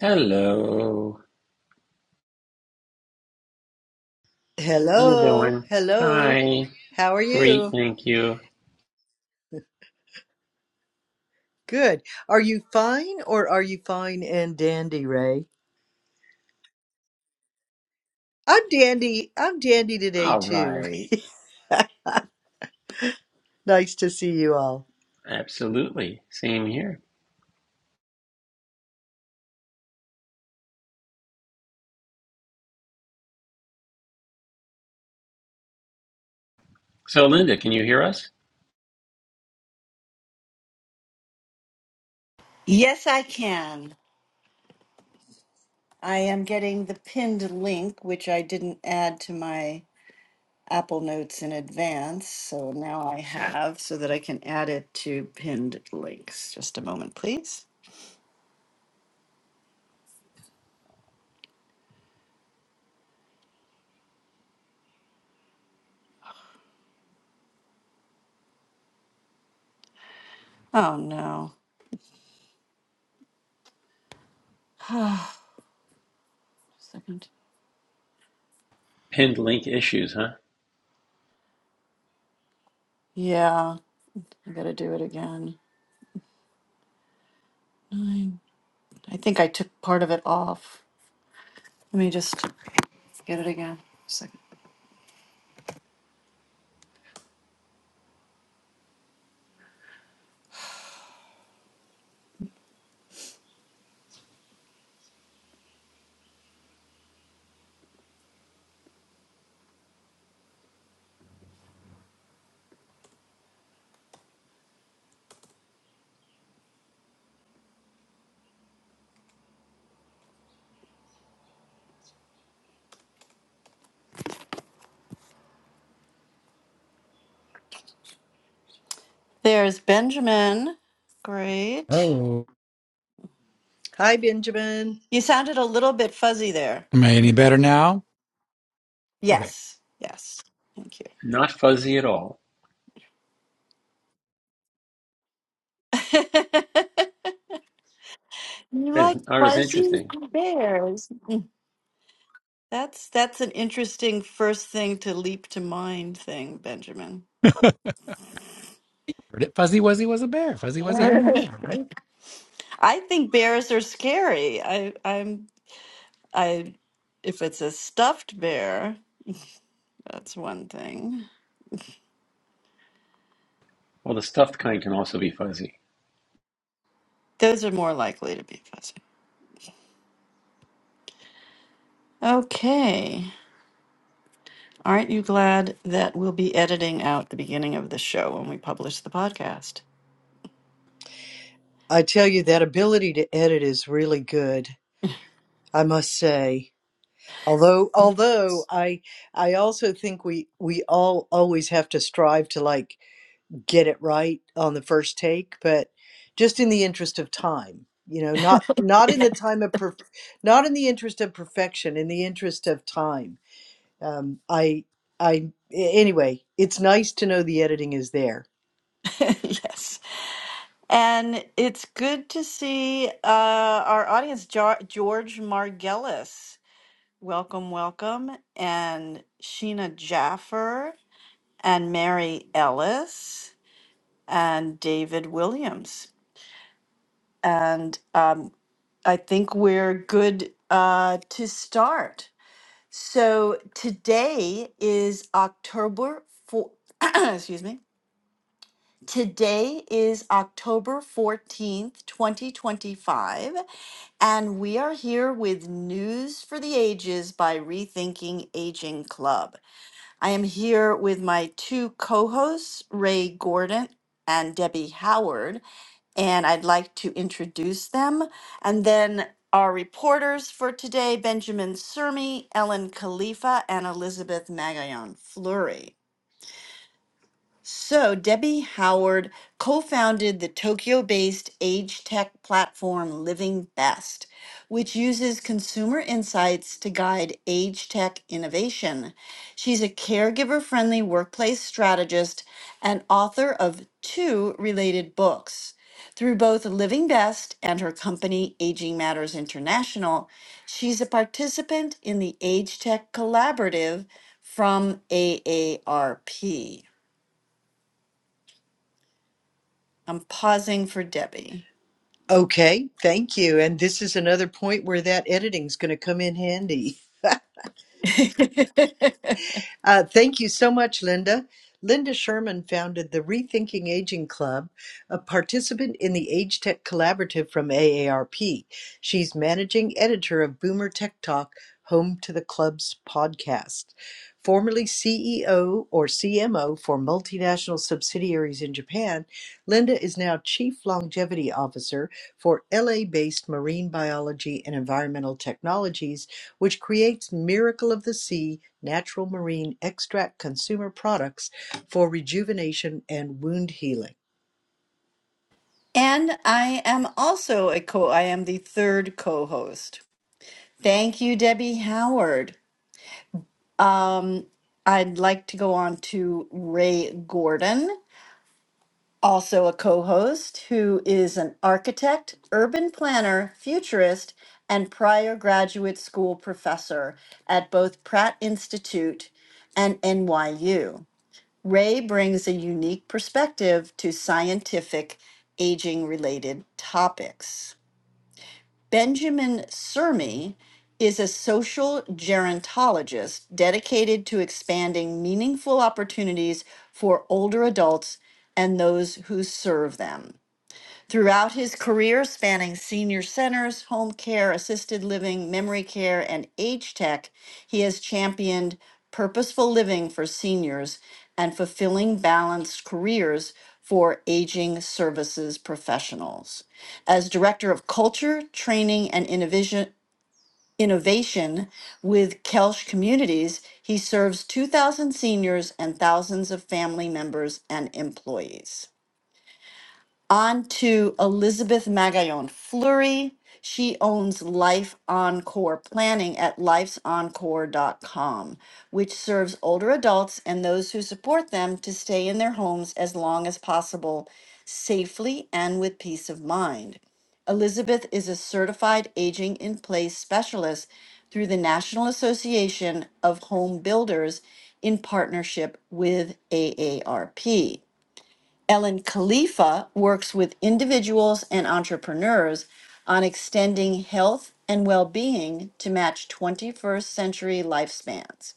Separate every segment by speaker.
Speaker 1: Hello. How you
Speaker 2: Hello,
Speaker 1: doing?
Speaker 2: hello.
Speaker 1: Hi.
Speaker 2: How are
Speaker 1: Great,
Speaker 2: you?
Speaker 1: thank you.
Speaker 2: Good. Are you fine or are you fine and dandy, Ray? I'm dandy. I'm dandy today
Speaker 1: All
Speaker 2: too.
Speaker 1: right.
Speaker 2: nice to see you all.
Speaker 1: Absolutely. Same here. So, Linda, can you hear us?
Speaker 3: Yes, I can. I am getting the pinned link, which I didn't add to my Apple Notes in advance. So now I have so that I can add it to pinned links. Just a moment, please. Oh, no. Second.
Speaker 1: Pinned link issues, huh?
Speaker 3: Yeah, I gotta do it again. Nine. I think I took part of it off. Let me just get it again. Second. There's Benjamin. Great.
Speaker 4: Oh,
Speaker 2: Hi, Benjamin.
Speaker 3: You sounded a little bit fuzzy there.
Speaker 4: am I any better now? Okay.
Speaker 3: Yes, yes. Thank you.
Speaker 1: Not fuzzy at all.
Speaker 3: you
Speaker 1: That's-
Speaker 3: like
Speaker 1: Art
Speaker 3: fuzzy
Speaker 1: interesting.
Speaker 3: bears. That's that's an interesting first thing to leap to mind thing, Benjamin.
Speaker 4: Heard it. Fuzzy Wuzzy was a bear. Fuzzy Wuzzy had no
Speaker 3: I
Speaker 4: hair, right?
Speaker 3: think bears are scary. I I'm I if it's a stuffed bear, that's one thing.
Speaker 1: Well, the stuffed kind can also be fuzzy.
Speaker 3: Those are more likely to be fuzzy. Okay. Aren't you glad that we'll be editing out the beginning of the show when we publish the podcast?
Speaker 2: I tell you that ability to edit is really good, I must say. Although although I I also think we we all always have to strive to like get it right on the first take but just in the interest of time you know not not in the time of perf- not in the interest of perfection in the interest of time um, I I anyway it's nice to know the editing is there
Speaker 3: yes. And it's good to see uh, our audience, jo- George Margelis. Welcome, welcome. And Sheena Jaffer and Mary Ellis and David Williams. And um, I think we're good uh, to start. So today is October 4th. Excuse me. Today is October 14th, 2025. And we are here with News for the Ages by Rethinking Aging Club. I am here with my two co hosts, Ray Gordon and Debbie Howard, and I'd like to introduce them. And then our reporters for today Benjamin Sermi, Ellen Khalifa, and Elizabeth Magayon Fleury. So, Debbie Howard co founded the Tokyo based age tech platform Living Best, which uses consumer insights to guide age tech innovation. She's a caregiver friendly workplace strategist and author of two related books. Through both Living Best and her company, Aging Matters International, she's a participant in the Age Tech Collaborative from AARP. I'm pausing for Debbie.
Speaker 2: okay thank you and this is another point where that editing's going to come in handy Uh, thank you so much, Linda. Linda Sherman founded the Rethinking Aging Club, a participant in the Age Tech Collaborative from AARP. She's managing editor of Boomer Tech Talk, home to the club's podcast. Formerly CEO or CMO for multinational subsidiaries in Japan, Linda is now Chief Longevity Officer for LA-based Marine Biology and Environmental Technologies, which creates Miracle of the Sea natural marine extract consumer products for rejuvenation and wound healing.
Speaker 3: and I am also a co I am the third co-host. Thank you, Debbie Howard. Um, I'd like to go on to Ray Gordon, also a co-host, who is an architect, urban planner, futurist, and prior graduate school professor at both Pratt Institute and NYU. Ray brings a unique perspective to scientific aging related topics. Benjamin Sermi is a social gerontologist dedicated to expanding meaningful opportunities for older adults and those who serve them. Throughout his career spanning senior centers, home care, assisted living, memory care, and age tech, he has championed purposeful living for seniors and fulfilling balanced careers for aging services professionals. As director of culture, training, and innovation, innovation with Kelsch Communities, he serves 2,000 seniors and thousands of family members and employees. On to Elizabeth Magallon Fleury. She owns Life Encore Planning at lifesencore.com, which serves older adults and those who support them to stay in their homes as long as possible, safely and with peace of mind. Elizabeth is a certified aging in place specialist through the National Association of Home Builders in partnership with AARP. Ellen Khalifa works with individuals and entrepreneurs on extending health and well being to match 21st century lifespans.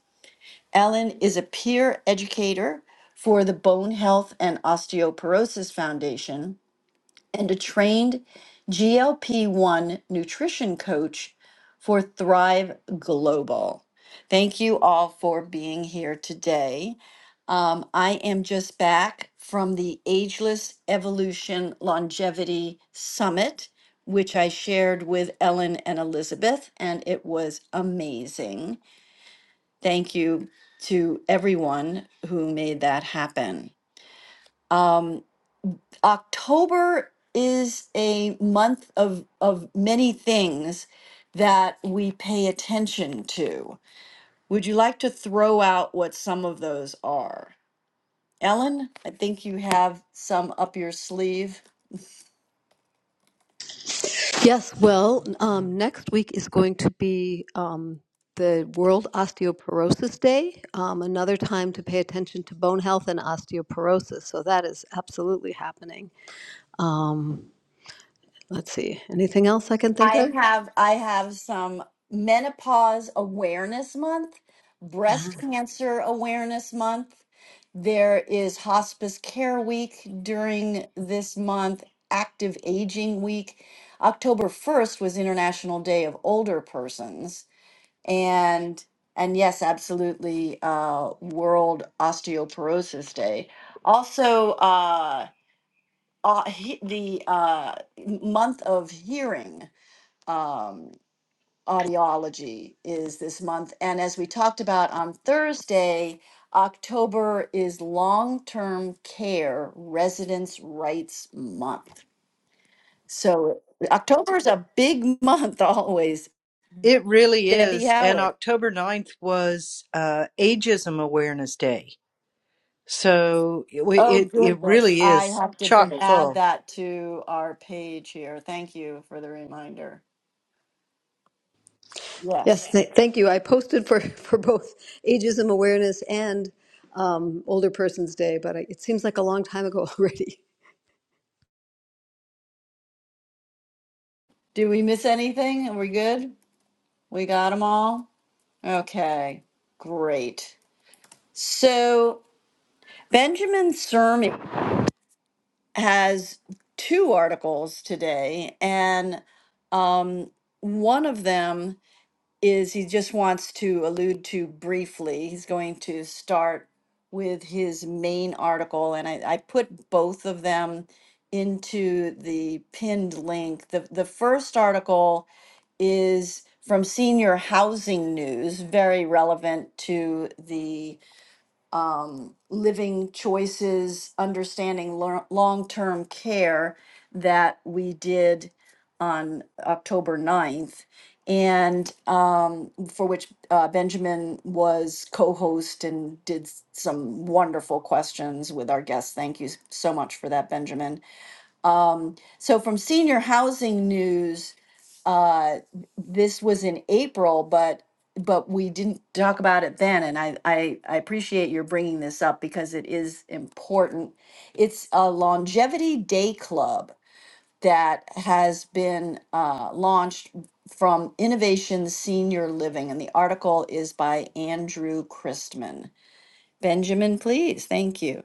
Speaker 3: Ellen is a peer educator for the Bone Health and Osteoporosis Foundation and a trained GLP 1 nutrition coach for Thrive Global. Thank you all for being here today. Um, I am just back from the Ageless Evolution Longevity Summit, which I shared with Ellen and Elizabeth, and it was amazing. Thank you to everyone who made that happen. Um, October is a month of of many things that we pay attention to. Would you like to throw out what some of those are? Ellen, I think you have some up your sleeve.
Speaker 5: Yes, well, um, next week is going to be um, the World Osteoporosis Day, um, another time to pay attention to bone health and osteoporosis. So that is absolutely happening. Um, let's see, anything else I can think
Speaker 3: I
Speaker 5: of?
Speaker 3: have I have some menopause awareness month, breast cancer awareness month. There is hospice care week during this month, active aging week. October 1st was International Day of Older Persons and and yes, absolutely uh World Osteoporosis Day. Also uh, uh he- the uh month of hearing um audiology is this month. And as we talked about on Thursday, October is long term care residents' rights month. So October is a big month always.
Speaker 2: It really
Speaker 3: Debbie
Speaker 2: is. And
Speaker 3: Howard.
Speaker 2: October 9th was uh, Ageism Awareness Day. So it,
Speaker 3: Oh,
Speaker 2: it, it
Speaker 3: goodness.
Speaker 2: really
Speaker 3: I
Speaker 2: is
Speaker 3: have to
Speaker 2: chock
Speaker 3: b- add
Speaker 2: full.
Speaker 3: that to our page here. Thank you for the reminder. Yes.
Speaker 5: Yes, th- thank you. I posted for, for both Ageism Awareness and um, Older Persons Day, but I, it seems like a long time ago already.
Speaker 3: Do we miss anything? Are we good? We got them all? Okay, great. So Benjamin Cermi has two articles today, and um, one of them is he just wants to allude to briefly. He's going to start with his main article, and I, I put both of them into the pinned link. The, the first article is from Senior Housing News, very relevant to the um, living choices, understanding long term care that we did on October ninth, and um, for which uh, Benjamin was co host and did s- some wonderful questions with our guests. Thank you s- so much for that, Benjamin. Um, so from senior housing news, uh, this was in April, but but we didn't talk about it then, and I, I I appreciate your bringing this up because it is important. It's a longevity day club that has been uh, launched from Innovation Senior Living, and the article is by Andrew Christman. Benjamin, please, thank you.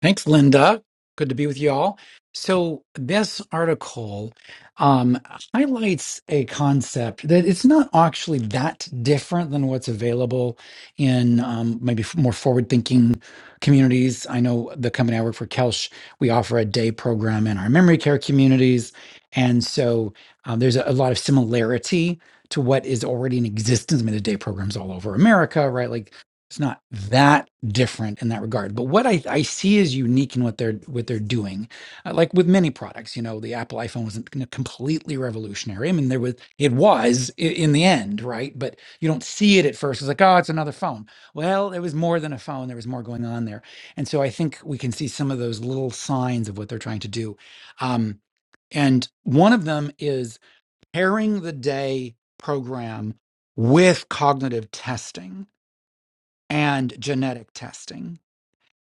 Speaker 4: Thanks, Linda. Good to be with y'all. So this article um, highlights a concept that it's not actually that different than what's available in um, maybe f- more forward-thinking communities. I know the company I work for, Kelsch, we offer a day program in our memory care communities, and so um, there's a, a lot of similarity to what is already in existence. I mean, the day programs all over America, right? Like it's not that different in that regard. But what I, I see is unique in what they're what they're doing. Uh, like with many products, you know, the Apple iPhone wasn't gonna completely revolutionary. I mean, there was it was i- in the end, right? But you don't see it at first. It's like, oh, it's another phone. Well, it was more than a phone. There was more going on there, and so I think we can see some of those little signs of what they're trying to do. Um, and one of them is pairing the day program with cognitive testing and genetic testing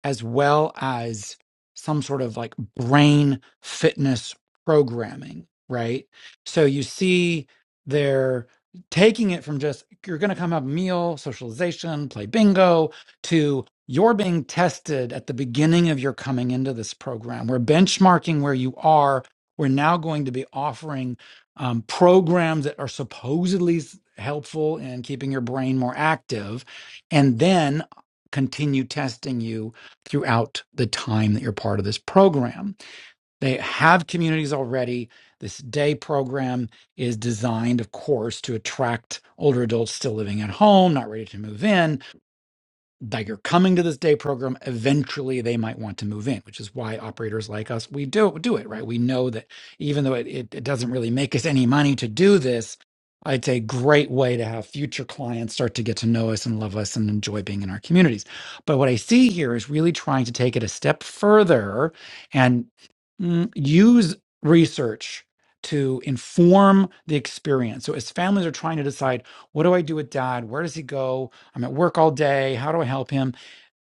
Speaker 4: as well as some sort of like brain fitness programming, right? So you see they're taking it from just you're going to come have a meal, socialization, play bingo to you're being tested at the beginning of your coming into this program. We're benchmarking where you are. We're now going to be offering um, programs that are supposedly s- helpful in keeping your brain more active, and then continue testing you throughout the time that you're part of this program. They have communities already. This day program is designed, of course, to attract older adults still living at home, not ready to move in that you're coming to this day program eventually they might want to move in which is why operators like us we do do it right we know that even though it, it, it doesn't really make us any money to do this it's a great way to have future clients start to get to know us and love us and enjoy being in our communities but what i see here is really trying to take it a step further and mm, use research to inform the experience so as families are trying to decide what do i do with dad where does he go I'm at work all day. How do I help him?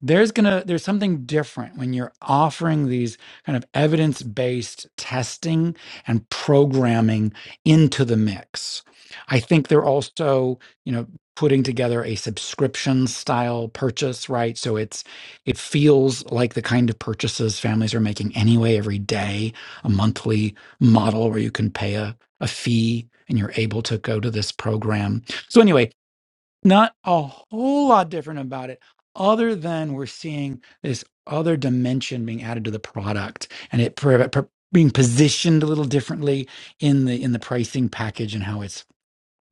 Speaker 4: There's gonna there's something different when you're offering these kind of evidence-based testing and programming into the mix. I think they're also, you know, putting together a subscription style purchase, right? So it's it feels like the kind of purchases families are making anyway every day, a monthly model where you can pay a, a fee and you're able to go to this program. So anyway, not a whole lot different about it other than we're seeing this other dimension being added to the product and it pro- pro- being positioned a little differently in the in the pricing package and how it's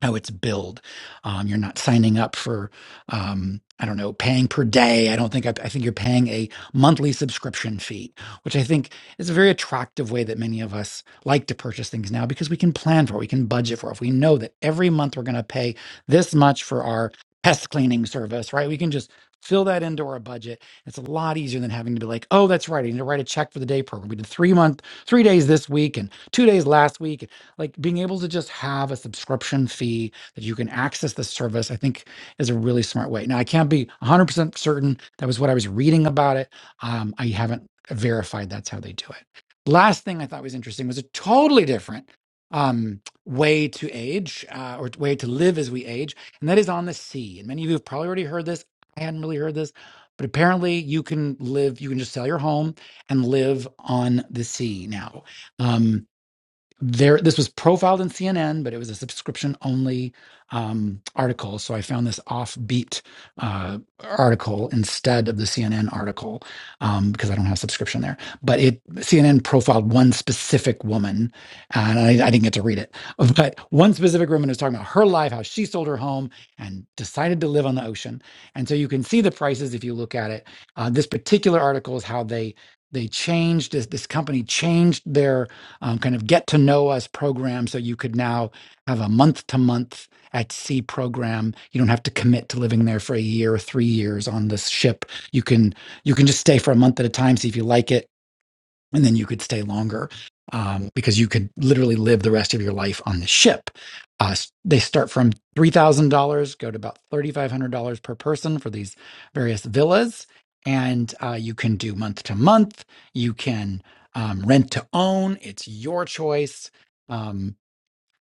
Speaker 4: how it's billed. Um, you're not signing up for, um, I don't know, paying per day. I don't think, I, I think you're paying a monthly subscription fee, which I think is a very attractive way that many of us like to purchase things now because we can plan for it, we can budget for it. If we know that every month we're going to pay this much for our pest cleaning service, right? We can just fill that into our budget. It's a lot easier than having to be like, oh, that's right. I need to write a check for the day program. We did three month, three days this week and two days last week like being able to just have a subscription fee that you can access the service, I think is a really smart way. Now, I can't be 100% certain that was what I was reading about it. Um, I haven't verified that's how they do it. Last thing I thought was interesting was a totally different um, way to age uh, or way to live as we age, and that is on the sea. And many of you have probably already heard this. I hadn't really heard this, but apparently you can live, you can just sell your home and live on the sea now. Um, there this was profiled in cnn but it was a subscription only um, article so i found this offbeat uh, article instead of the cnn article um, because i don't have subscription there but it cnn profiled one specific woman and I, I didn't get to read it but one specific woman was talking about her life how she sold her home and decided to live on the ocean and so you can see the prices if you look at it uh, this particular article is how they they changed this, this company changed their um, kind of get to know us program so you could now have a month to month at sea program you don't have to commit to living there for a year or three years on this ship you can you can just stay for a month at a time see if you like it and then you could stay longer um, because you could literally live the rest of your life on the ship. Uh, they start from three thousand dollars, go to about thirty five hundred dollars per person for these various villas, and uh, you can do month to month. You can um, rent to own; it's your choice. Um,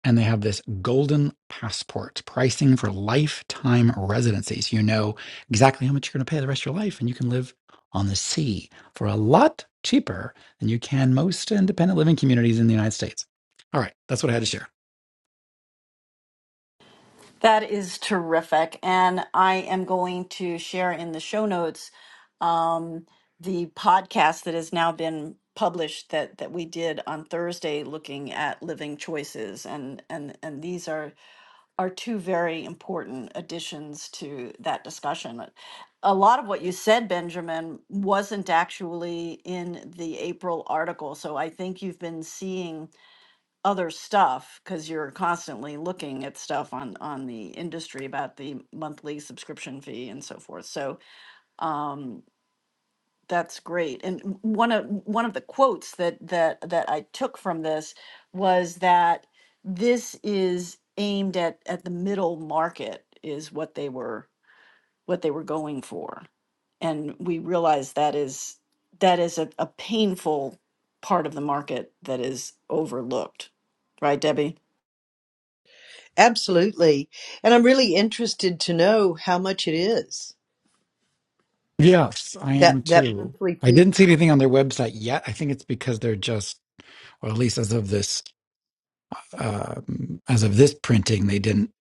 Speaker 4: and they have this golden passport pricing for lifetime residencies. you know exactly how much you're going to pay the rest of your life, and you can live on the sea for a lot cheaper than you can most independent living communities in the United States. All right, that's what I had to share.
Speaker 3: That is terrific. And I am going to share in the show notes um, the podcast that has now been published that, that we did on Thursday looking at living choices. And, and, and these are, are two very important additions to that discussion. A lot of what you said, Benjamin, wasn't actually in the April article. So I think you've been seeing other stuff because you're constantly looking at stuff on on the industry about the monthly subscription fee and so forth so um that's great and w- one of one of the quotes that that that i took from this was that this is aimed at at the middle market is what they were what they were going for and we realize that is that is a, a painful part of the market that is overlooked right debbie
Speaker 2: Absolutely. And I'm really interested to know how much it is
Speaker 4: Yes, I
Speaker 2: that,
Speaker 4: am
Speaker 2: that
Speaker 4: too.
Speaker 2: monthly
Speaker 4: I
Speaker 2: fee.
Speaker 4: didn't see anything on their website yet. I think it's because they're just, or at least as of this, um, as of this printing, they didn't.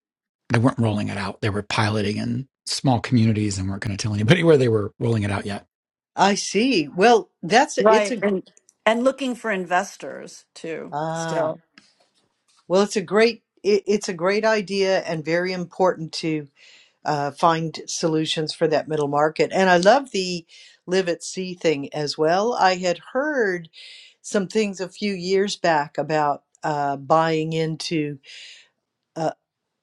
Speaker 4: They weren't rolling it out. They were piloting in small communities and weren't going to tell anybody where they were rolling it out yet.
Speaker 2: I see. Well, that's a- it's a
Speaker 3: Right.
Speaker 2: gr-
Speaker 3: And and looking for investors too.
Speaker 2: ah
Speaker 3: Still.
Speaker 2: well, it's a great it, it's a great idea and very important to uh, find solutions for that middle market. And I love the live at sea thing as well. I had heard some things a few years back about uh, buying into. uh,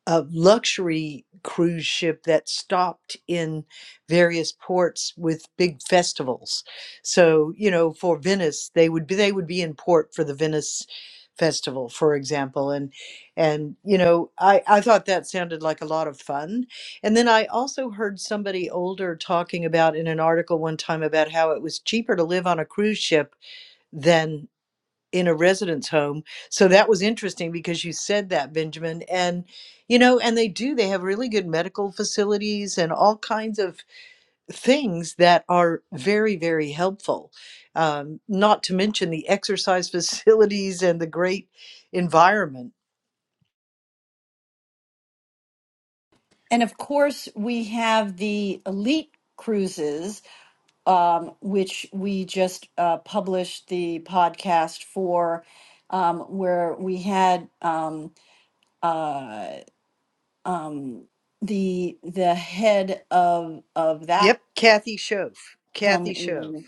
Speaker 2: a luxury cruise ship that stopped in various ports with big festivals. So, you know, for Venice, they would be they would be in port for the Venice festival for example and and you know i i thought that sounded like a lot of fun and then i also heard somebody older talking about in an article one time about how it was cheaper to live on a cruise ship than in a residence home. So that was interesting because you said that, Benjamin. And, you know, and they do, they have really good medical facilities and all kinds of things that are very, very helpful. Um, not to mention the exercise facilities and the great environment.
Speaker 3: And of course, we have the elite cruises, um, which we just uh, published the podcast for, um, where we had um, uh, um, the the head of of that
Speaker 2: Yep, Kathy Shove.
Speaker 3: come
Speaker 2: Kathy Shove.
Speaker 3: in.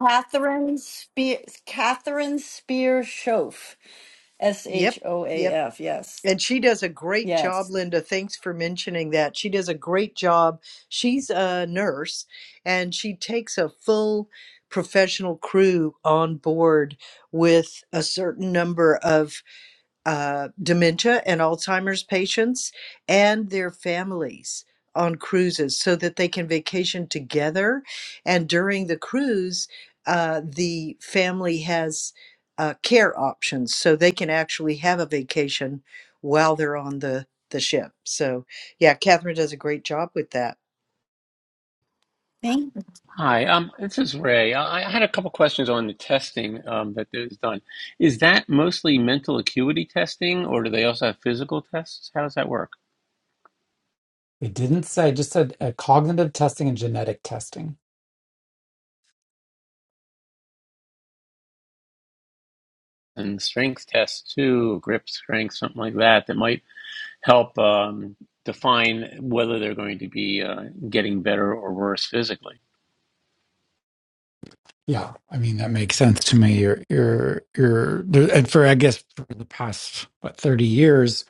Speaker 3: Catherine Spear, Catherine Spear Schoaf, S
Speaker 2: Yep,
Speaker 3: H O A
Speaker 2: yep.
Speaker 3: F. Yes,
Speaker 2: And she does a great job,
Speaker 3: yes.
Speaker 2: Linda. Thanks for mentioning that. She does a great job. She's a nurse and she takes a full professional crew on board with a certain number of uh, dementia and Alzheimer's patients and their families on cruises so that they can vacation together. And during the cruise, uh, the family has uh, care options so they can actually have a vacation while they're on the, the ship. So, yeah, Catherine does a great job with that.
Speaker 3: Thank
Speaker 1: Hi, um, this is Ray. I I had a couple questions on the testing um, that is done. Is that mostly mental acuity testing, or do they also have physical tests? How does that work?
Speaker 4: It didn't say, it just said uh, cognitive testing and genetic testing.
Speaker 1: And strength tests too, grip strength, something like that. That might help um, define whether they're going to be uh, getting better or worse physically.
Speaker 4: Yeah, I mean that makes sense to me. You're you're you're there, and for I guess for the past what 30 years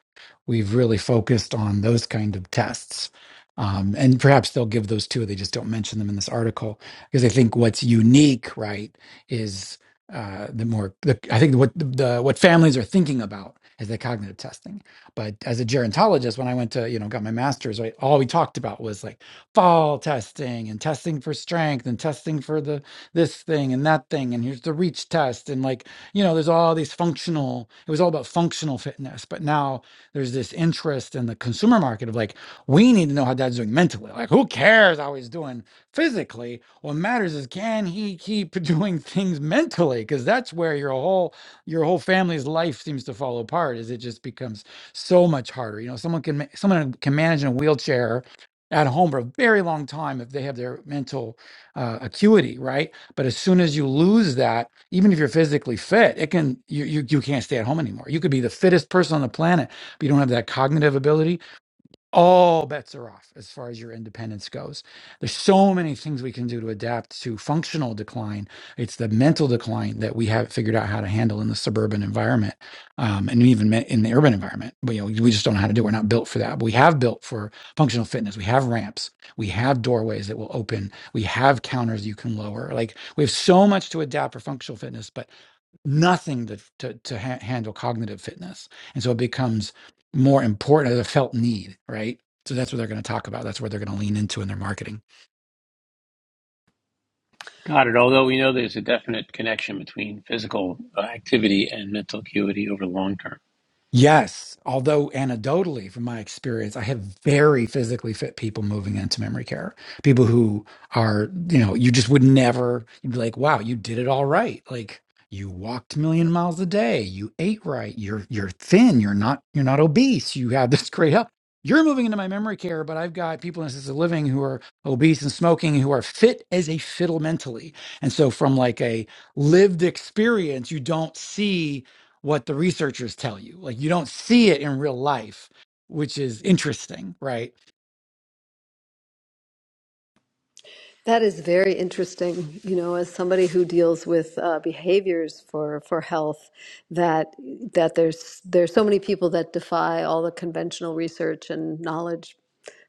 Speaker 4: we've really focused on those kind of tests. Um, and perhaps they'll give those too. They just don't mention them in this article because I think what's unique, right, is uh, the more the, I think what the, the what families are thinking about is the cognitive testing. But as a gerontologist, when I went to you know got my master's, right, all we talked about was like fall testing and testing for strength and testing for the this thing and that thing, and here's the reach test, and like you know, there's all these functional. It was all about functional fitness, but now there's this interest in the consumer market of like we need to know how dad's doing mentally. Like who cares how he's doing physically? What matters is can he keep doing things mentally? Because that's where your whole your whole family's life seems to fall apart. Is it just becomes so much harder? You know, someone can ma- someone can manage in a wheelchair at home for a very long time if they have their mental uh, acuity right but as soon as you lose that, even if you're physically fit, it can you you you can't stay at home anymore. You could be the fittest person on the planet, but you don't have that cognitive ability all bets are off as far as your independence goes. There's so many things we can do to adapt to functional decline. It's the mental decline that we haven't figured out how to handle in the suburban environment, um, and even me- in the urban environment. But, you know, we just don't know how to do. it. We're not built for that. But we have built for functional fitness. We have ramps. We have doorways that will open. We have counters you can lower. Like we have so much to adapt for functional fitness, but nothing to to, to ha- handle cognitive fitness, and so it becomes more important as a felt need, right? So that's what they're going to talk about. That's where they're going to lean into in their marketing.
Speaker 1: Got it. Although we know there's a definite connection between physical uh, activity and mental acuity over the long term.
Speaker 4: Yes, although anecdotally, from my experience, I have very physically fit people moving into memory care. People who are, you know, you just would never, you'd be like, wow, you did it all right. Like you walked a million miles a day, you ate right, you're you're thin, you're not you're not obese, you have this great health. You're moving into my memory care, but I've got people in assisted living who are obese and smoking who are fit as a fiddle mentally. And so from like a lived experience, you don't see what the researchers tell you. Like you don't see it in real life, which is interesting, right?
Speaker 5: That is very interesting. You know, as somebody who deals with uh, behaviors for for health, that that there's there's so many people that defy all the conventional research and knowledge.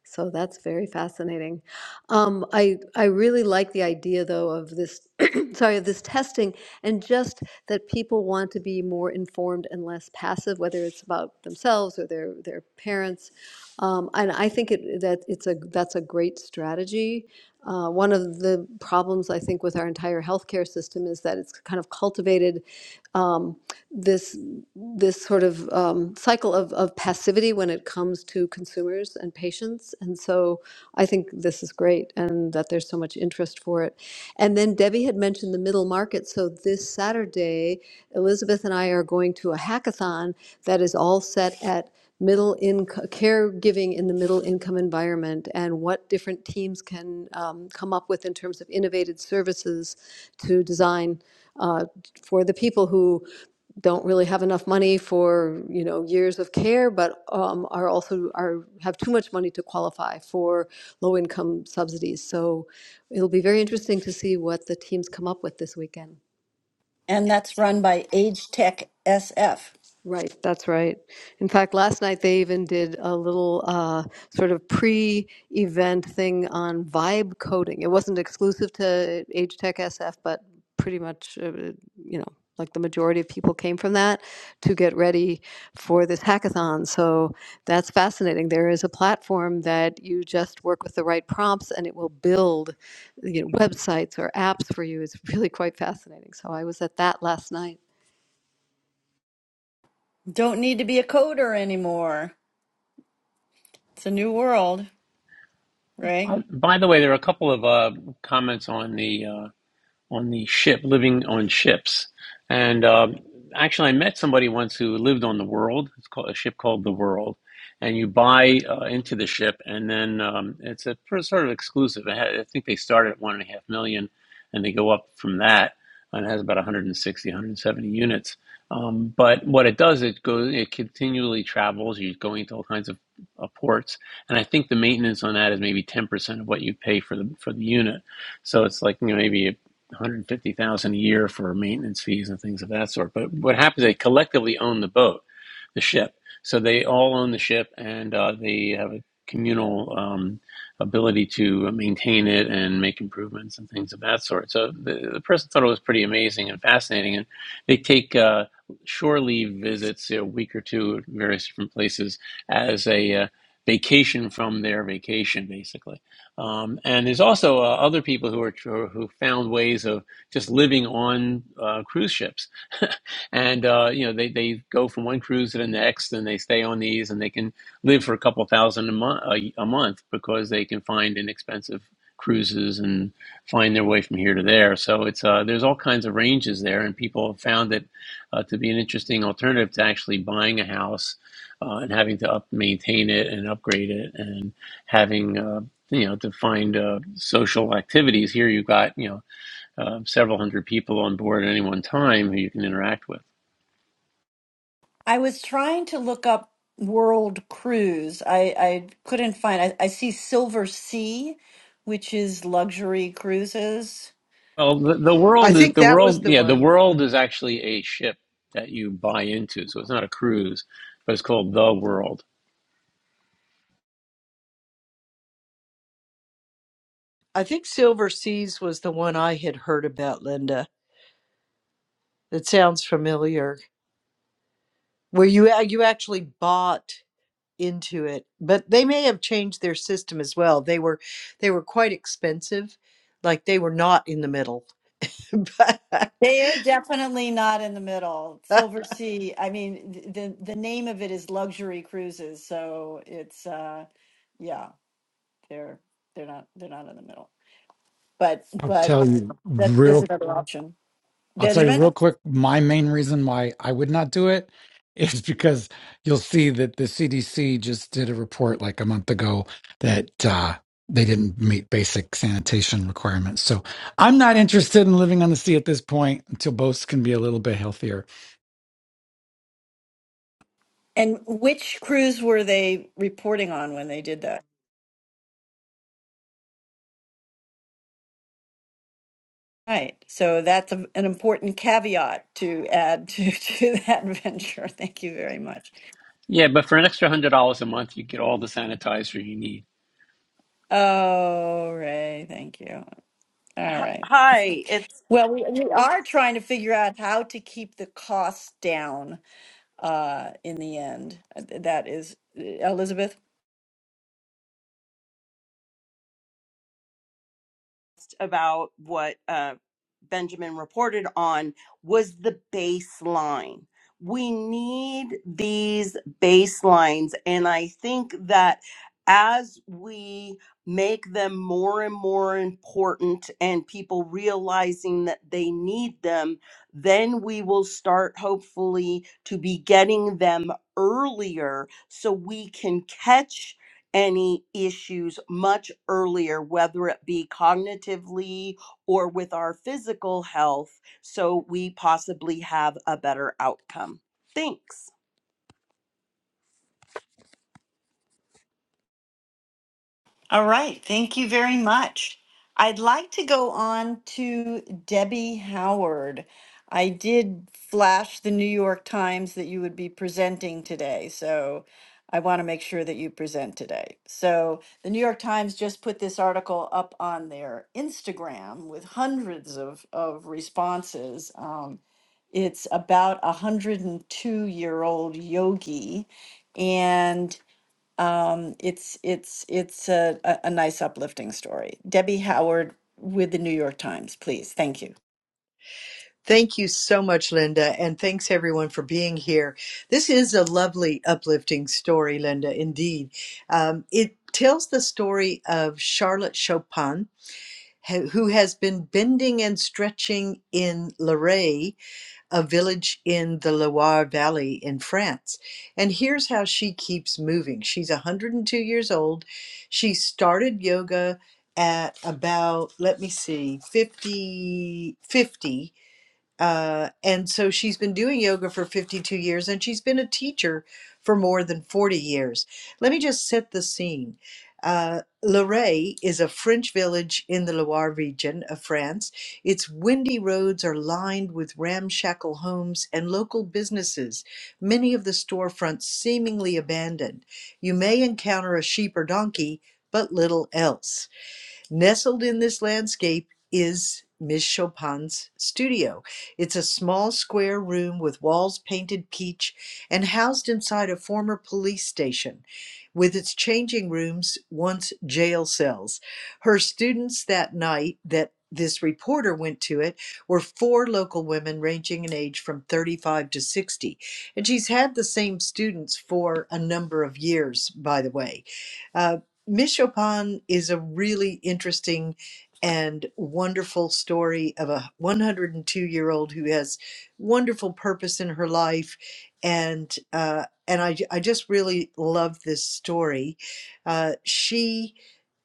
Speaker 5: So that's very fascinating. Um, I I really like the idea though of this sorry of this testing and just that people want to be more informed and less passive, whether it's about themselves or their their parents. Um, and I think it, that it's a that's a great strategy uh, one of the problems I think with our entire healthcare system is that it's kind of cultivated um, this this sort of um, cycle of, of passivity when it comes to consumers and patients. And so I think this is great and that there's so much interest for it. And then Debbie had mentioned the middle market. So this Saturday, Elizabeth and I are going to a hackathon that is all set at middle income caregiving in the middle income environment and what different teams can um, come up with in terms of innovative services to design uh, for the people who don't really have enough money for you know years of care, but um, are also are have too much money to qualify for low income subsidies. So it'll be very interesting to see what the teams come up with this weekend.
Speaker 3: and that's run by Age Tech SF.
Speaker 5: Right, that's right. In fact, last night they even did a little uh, sort of pre-event thing on vibe coding. It wasn't exclusive to Age Tech SF, but pretty much, uh, you know, like the majority of people came from that to get ready for this hackathon. So that's fascinating. There is a platform that you just work with the right prompts, and it will build, you know, websites or apps for you. It's really quite fascinating. So I was at that last night.
Speaker 3: Don't need to be a coder anymore. It's a new world, right?
Speaker 1: By, by the way, there are a couple of uh, comments on the uh, on the ship, living on ships. And um, actually, I met somebody once who lived on the World. It's called a ship called the World, and you buy uh, into the ship, and then um, it's a pr- sort of exclusive. It had- I think they start at one and a half million, and they go up from that. And it has about 160, 170 units. Um, but what it does, it goes, it continually travels. You're going to all kinds of uh, ports, and I think the maintenance on that is maybe 10% of what you pay for the for the unit. So it's like you know, maybe a 150,000 a year for maintenance fees and things of that sort. But what happens? They collectively own the boat, the ship. So they all own the ship, and uh, they have a communal um, ability to maintain it and make improvements and things of that sort. So the, the person thought it was pretty amazing and fascinating, and they take. Uh, Shore leave visits you know, a week or two at various different places as a uh, vacation from their vacation, basically um, and there's also uh, other people who are who found ways of just living on uh, cruise ships, and uh, you know they, they go from one cruise to the next, and they stay on these, and they can live for a couple thousand a month a, a month because they can find inexpensive cruises and find their way from here to there. So it's uh, there's all kinds of ranges there, and people have found it uh, to be an interesting alternative to actually buying a house uh, and having to up maintain it and upgrade it and having uh, you know to find uh, social activities here you've got you know uh, several hundred people on board at any one time who you can interact with
Speaker 3: I was trying to look up World Cruise. I, I couldn't find. I, I see Silver Sea, which is luxury cruises.
Speaker 1: well the, the
Speaker 2: I
Speaker 1: world is
Speaker 2: think
Speaker 1: the
Speaker 2: that was
Speaker 1: world
Speaker 2: the
Speaker 1: yeah the
Speaker 2: one.
Speaker 1: world is actually a ship that you buy into so it's not a cruise but it's called the world
Speaker 2: I think Silver Seas was the one I had heard about, Linda. It sounds familiar. Where you you actually bought into it but they may have changed their system as well they were they were quite expensive like they were not in the middle but
Speaker 3: They are definitely not in the middle. Silver Sea. I mean, th- the the name of it is luxury cruises, so it's uh, yeah, they're they're not they're not in the middle. But
Speaker 4: I'll
Speaker 3: but
Speaker 4: tell you
Speaker 3: that is
Speaker 4: real
Speaker 3: another option.
Speaker 4: I'll tell you
Speaker 3: Benjamin?
Speaker 4: real quick my main reason why I would not do it is because you'll see that the CDC just did a report like a month ago that uh they didn't meet basic sanitation requirements. So I'm not interested in living on the sea at this point until boats can be a little bit healthier.
Speaker 3: And which crews were they reporting on when they did that? Right. So that's a, an important caveat to add to, to that venture. Thank you very much.
Speaker 1: yeah but for an extra one hundred dollars a month you get all the sanitizer you need
Speaker 3: Oh, Ray, thank you. All
Speaker 6: Hi,
Speaker 3: right.
Speaker 6: hi, it's
Speaker 3: Well, we, we are trying to figure out how to keep the costs down uh, in the end. That is, uh, Elizabeth?
Speaker 6: just about what uh, Benjamin reported on was the baseline. We need these baselines, and I think that as we make them more and more important and people realizing that they need them, then we will start hopefully to be getting them earlier so we can catch any issues much earlier, whether it be cognitively or with our physical health, so we possibly have a better outcome. Thanks.
Speaker 3: All right, thank you very much. I'd like to go on to Debbie Howard. I did flash the New York Times that you would be presenting today, so I want to make sure that you present today. So, the New York Times just put this article up on their Instagram with hundreds of, of responses. Um, it's about a 102 year old yogi, and. Um, it's it's it's a, a, a nice uplifting story. Debbie Howard with the New York Times, please. Thank you.
Speaker 2: thank you so much linda and thanks everyone for being here this is a lovely uplifting story linda indeed um, it tells the story of charlotte chopin ha- who has been bending and stretching in Luray a village in the Loire Valley in France. And here's how she keeps moving. She's 102 years old. She started yoga at about, let me see, 50 50. Uh, and so she's been doing yoga for 52 years and she's been a teacher for more than 40 years. Let me just set the scene. Uh, Luray is a French village in the Loire region of France. Its windy roads are lined with ramshackle homes and local businesses, many of the storefronts seemingly abandoned. You may encounter a sheep or donkey, but little else. Nestled in this landscape is Miss Chopin's studio. It's a small square room with walls painted peach and housed inside a former police station with its changing rooms, once jail cells. Her students that night that this reporter went to it were four local women ranging in age from 35 to 60. And she's had the same students for a number of years, by the way. Uh, Miss Chopin is a really interesting and wonderful story of a 102 year old who has wonderful purpose in her life, and uh, and I I just really love this story. Uh, she.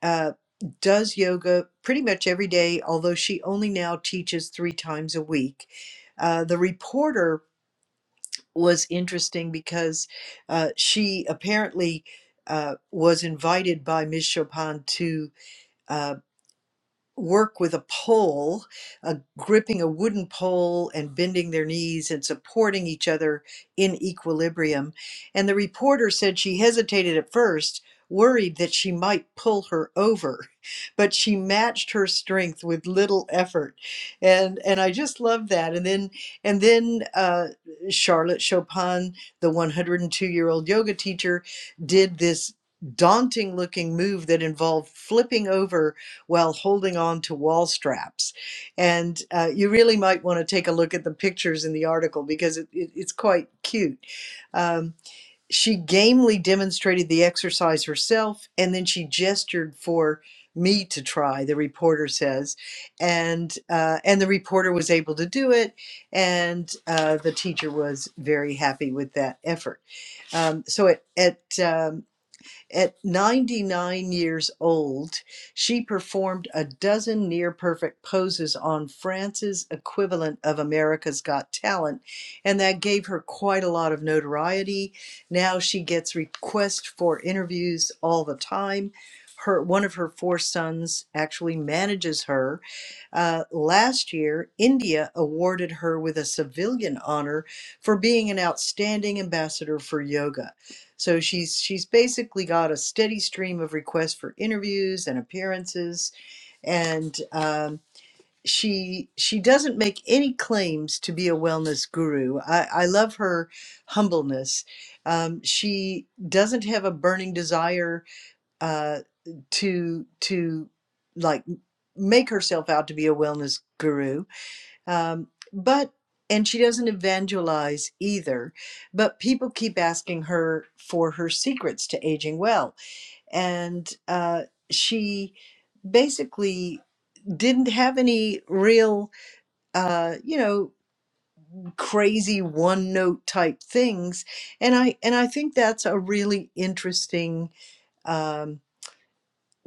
Speaker 2: Uh, does yoga pretty much every day, although she only now teaches three times a week. Uh, the reporter was interesting because uh, she apparently uh, was invited by Ms. Chopin to. uh, work with a pole, uh, gripping a wooden pole and bending their knees and supporting each other in equilibrium. And the reporter said she hesitated at first, worried that she might pull her over, but she matched her strength with little effort. And and I just love that. And then and then uh, Charlotte Chopin, the 102 year old yoga teacher, did this daunting looking move that involved flipping over while holding on to wall straps. And uh, you really might want to take a look at the pictures in the article because it, it, it's quite cute. Um, she gamely demonstrated the exercise herself and then she gestured for me to try the reporter says and uh, and the reporter was able to do it and uh, the teacher was very happy with that effort um, so at at um, at 99 years old, she performed a dozen near perfect poses on France's equivalent of America's Got Talent, and that gave her quite a lot of notoriety. Now she gets requests for interviews all the time. Her, one of her four sons actually manages her. Uh, last year, India awarded her with a civilian honor for being an outstanding ambassador for yoga. So she's she's basically got a steady stream of requests for interviews and appearances, and um, she she doesn't make any claims to be a wellness guru. I, I love her humbleness. Um, she doesn't have a burning desire uh, to to like make herself out to be a wellness guru um, but and she doesn't evangelize either. But people keep asking her for her secrets to aging well, and uh, she basically didn't have any real, uh, you know, crazy one note type things. And I and I think that's a really interesting. Um,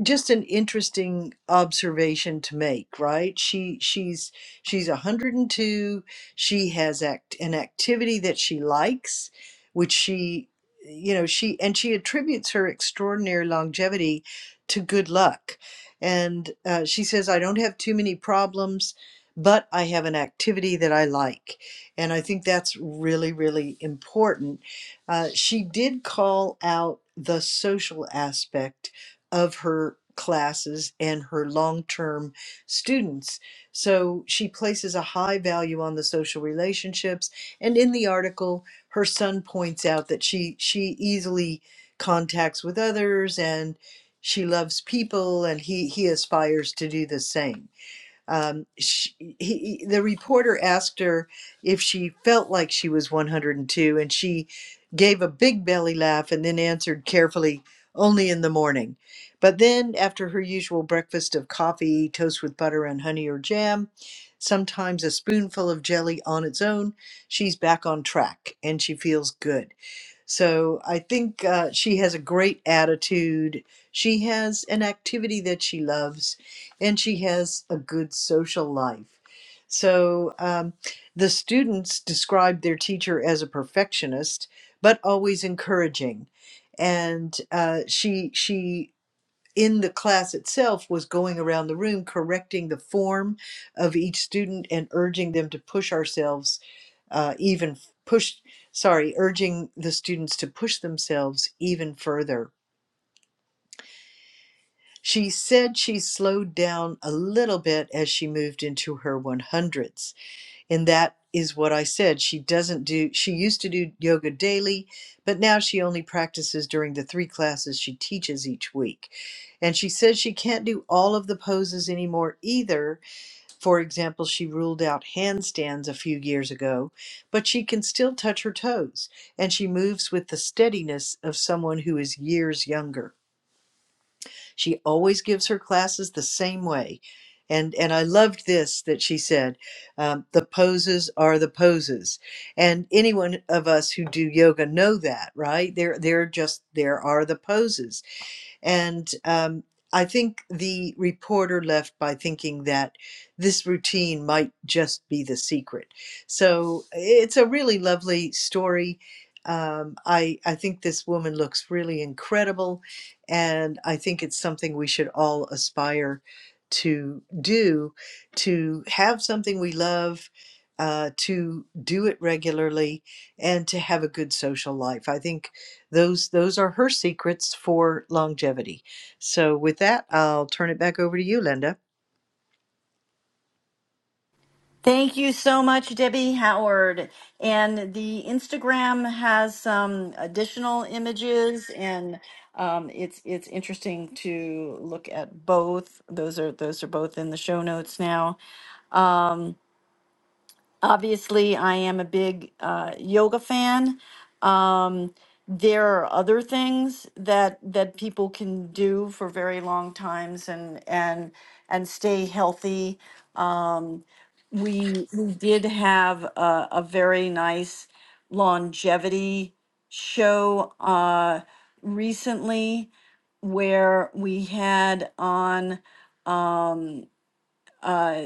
Speaker 2: just an interesting observation to make right she she's she's 102 she has act an activity that she likes which she you know she and she attributes her extraordinary longevity to good luck and uh, she says i don't have too many problems but i have an activity that i like and i think that's really really important uh, she did call out the social aspect of her classes and her long term students. So she places a high value on the social relationships. And in the article, her son points out that she, she easily contacts with others and she loves people, and he, he aspires to do the same um, she, he, the reporter asked her if she felt like she was 102, and two, and she gave a big belly laugh and then answered carefully, only in the morning. But then, after her usual breakfast of coffee, toast with butter and honey or jam, sometimes a spoonful of jelly on its own, she's back on track and she feels good. So I think uh, she has a great attitude. She has an activity that she loves, and she has a good social life. So um, the students described their teacher as a perfectionist, but always encouraging. And uh, she she in the class itself was going around the room correcting the form of each student and urging them to push ourselves uh, even push sorry urging the students to push themselves even further she said she slowed down a little bit as she moved into her 100s and that is what I said. She doesn't do, she used to do yoga daily, but now she only practices during the three classes she teaches each week. And she says she can't do all of the poses anymore either. For example, she ruled out handstands a few years ago, but she can still touch her toes and she moves with the steadiness of someone who is years younger. She always gives her classes the same way. And, and I loved this that she said, um, the poses are the poses. And anyone of us who do yoga know that, right? There, there just, there are the poses and um, I think the reporter left by thinking that this routine might just be the secret. So it's a really lovely story. Um, I, I think this woman looks really incredible, and I think it's something we should all aspire to do to have something we love, uh, to do it regularly, and to have a good social life. I think those those are her secrets for longevity. So with that, I'll turn it back over to you, Linda.
Speaker 3: Thank you so much, Debbie Howard. And the Instagram has some additional images, and um, it's it's interesting to look at both. Those are those are both in the show notes now. Obviously, I am a big uh, yoga fan. Um, there are other things that that people can do for very long times and and and stay healthy. Um, we we did have a, a very nice longevity show uh, recently where we had on um, uh,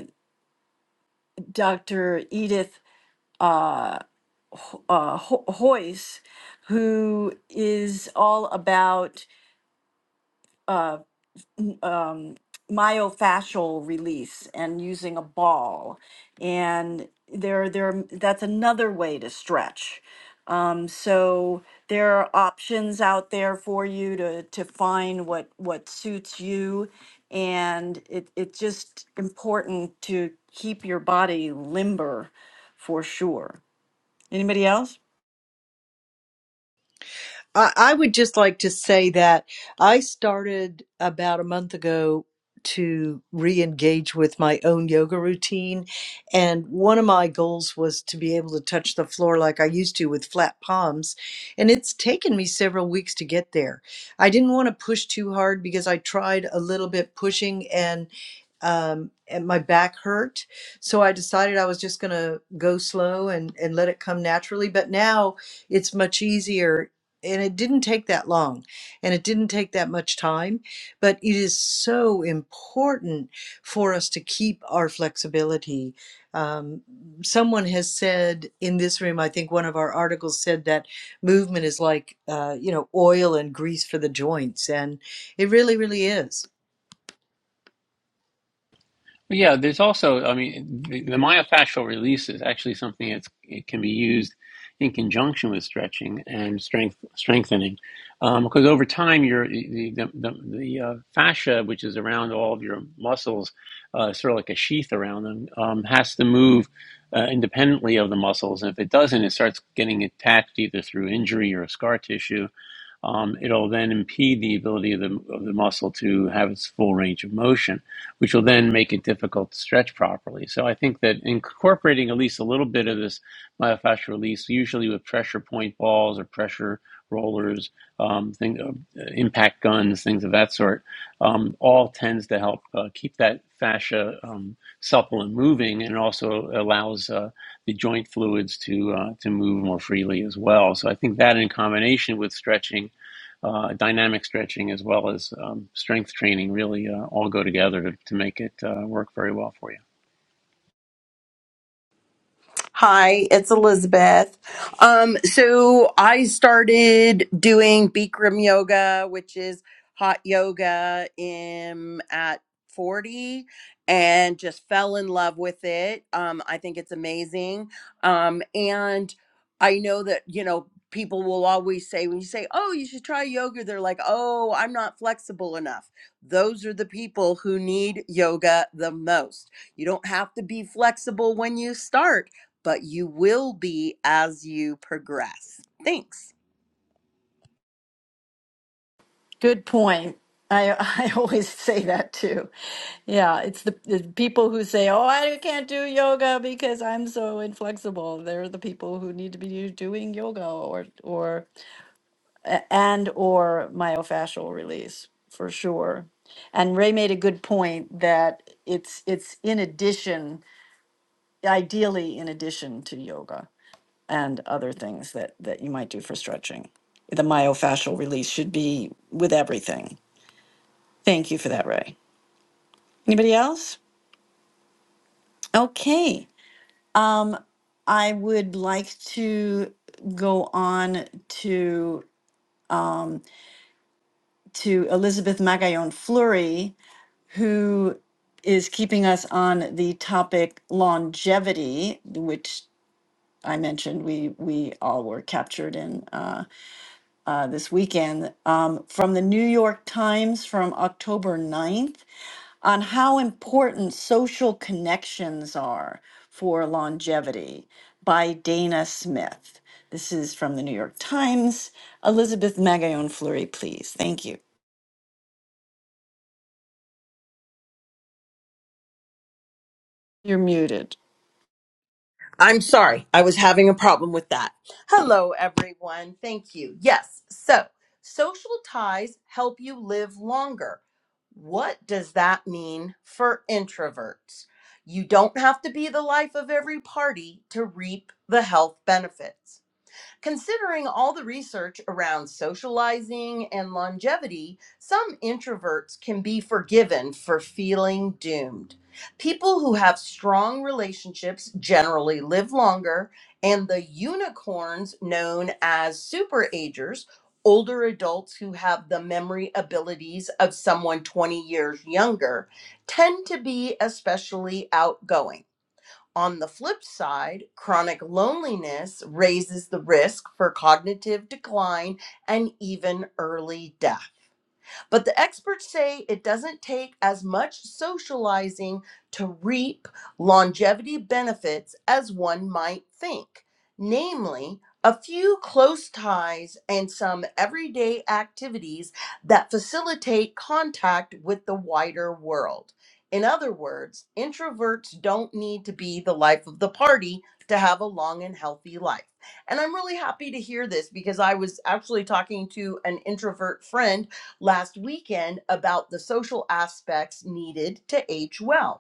Speaker 3: Dr. Edith uh, Ho- uh, Ho- Hoyce, who is all about uh, um, myofascial release and using a ball, and there, there, that's another way to stretch. Um, so there are options out there for you to to find what what suits you, and it it's just important to keep your body limber, for sure. Anybody else?
Speaker 2: I, I would just like to say that I started about a month ago to re engage with my own yoga routine. And one of my goals was to be able to touch the floor like I used to with flat palms. And it's taken me several weeks to get there. I didn't want to push too hard because I tried a little bit pushing and um and my back hurt so i decided i was just going to go slow and and let it come naturally but now it's much easier and it didn't take that long and it didn't take that much time but it is so important for us to keep our flexibility um, someone has said in this room i think one of our articles said that movement is like uh, you know oil and grease for the joints and it really really is
Speaker 1: But Yeah, there's also, I mean, the, the myofascial release is actually something that's it can be used in conjunction with stretching and strength strengthening, um, because over time your the the, the, the uh, fascia, which is around all of your muscles, uh, sort of like a sheath around them, um, has to move uh, independently of the muscles, and if it doesn't, it starts getting attached either through injury or scar tissue, um, it'll then impede the ability of the, of the muscle to have its full range of motion, which will then make it difficult to stretch properly. So I think that incorporating at least a little bit of this myofascial release, usually with pressure point balls or pressure rollers, um, thing, uh, impact guns, things of that sort, um, all tends to help uh, keep that fascia um, supple and moving, and also allows uh, the joint fluids to uh, to move more freely as well. So I think that in combination with stretching uh, dynamic stretching as well as um, strength training really uh, all go together to, to make it uh, work very well for you.
Speaker 6: Hi, it's Elizabeth. Um, so I started doing Bikram yoga, which is hot yoga, in at 40 and just fell in love with it. Um, I think it's amazing. Um, and I know that, you know, people will always say when you say, "Oh, you should try yoga," they're like, "Oh, I'm not flexible enough." Those are the people who need yoga the most. You don't have to be flexible when you start but you will be as you progress. Thanks.
Speaker 3: Good point. I I always say that too. Yeah, it's the, the people who say, "Oh, I can't do yoga because I'm so inflexible." They're the people who need to be doing yoga or or a- and or myofascial release for sure. And Ray made a good point that it's it's in addition, ideally in addition to yoga and other things that that you might do for stretching. The myofascial release should be with everything Thank you for that, Ray. Anybody else? Okay. Um, I would like to go on to um, to Elizabeth Magallon Fleury, who is keeping us on the topic longevity, which I mentioned we we all were captured in uh, uh, this weekend um, from the New York Times from October ninth. on how important social connections are for longevity by Dana Smith. This is from the New York Times. Elizabeth Magallon Fleury, please. Thank you. You're muted.
Speaker 6: I'm sorry. I was having a problem with that. Hello, everyone. Thank you. Yes. So, social ties help you live longer. What does that mean for introverts? You don't have to be the life of every party to reap the health benefits. Considering all the research around socializing and longevity, some introverts can be forgiven for feeling doomed. People who have strong relationships generally live longer, and the unicorns known as superagers, older adults who have the memory abilities of someone 20 years younger, tend to be especially outgoing. On the flip side, chronic loneliness raises the risk for cognitive decline and even early death. But the experts say it doesn't take as much socializing to reap longevity benefits as one might think, namely, a few close ties and some everyday activities that facilitate contact with the wider world. In other words, introverts don't need to be the life of the party to have a long and healthy life. And I'm really happy to hear this because I was actually talking to an introvert friend last weekend about the social aspects needed to age well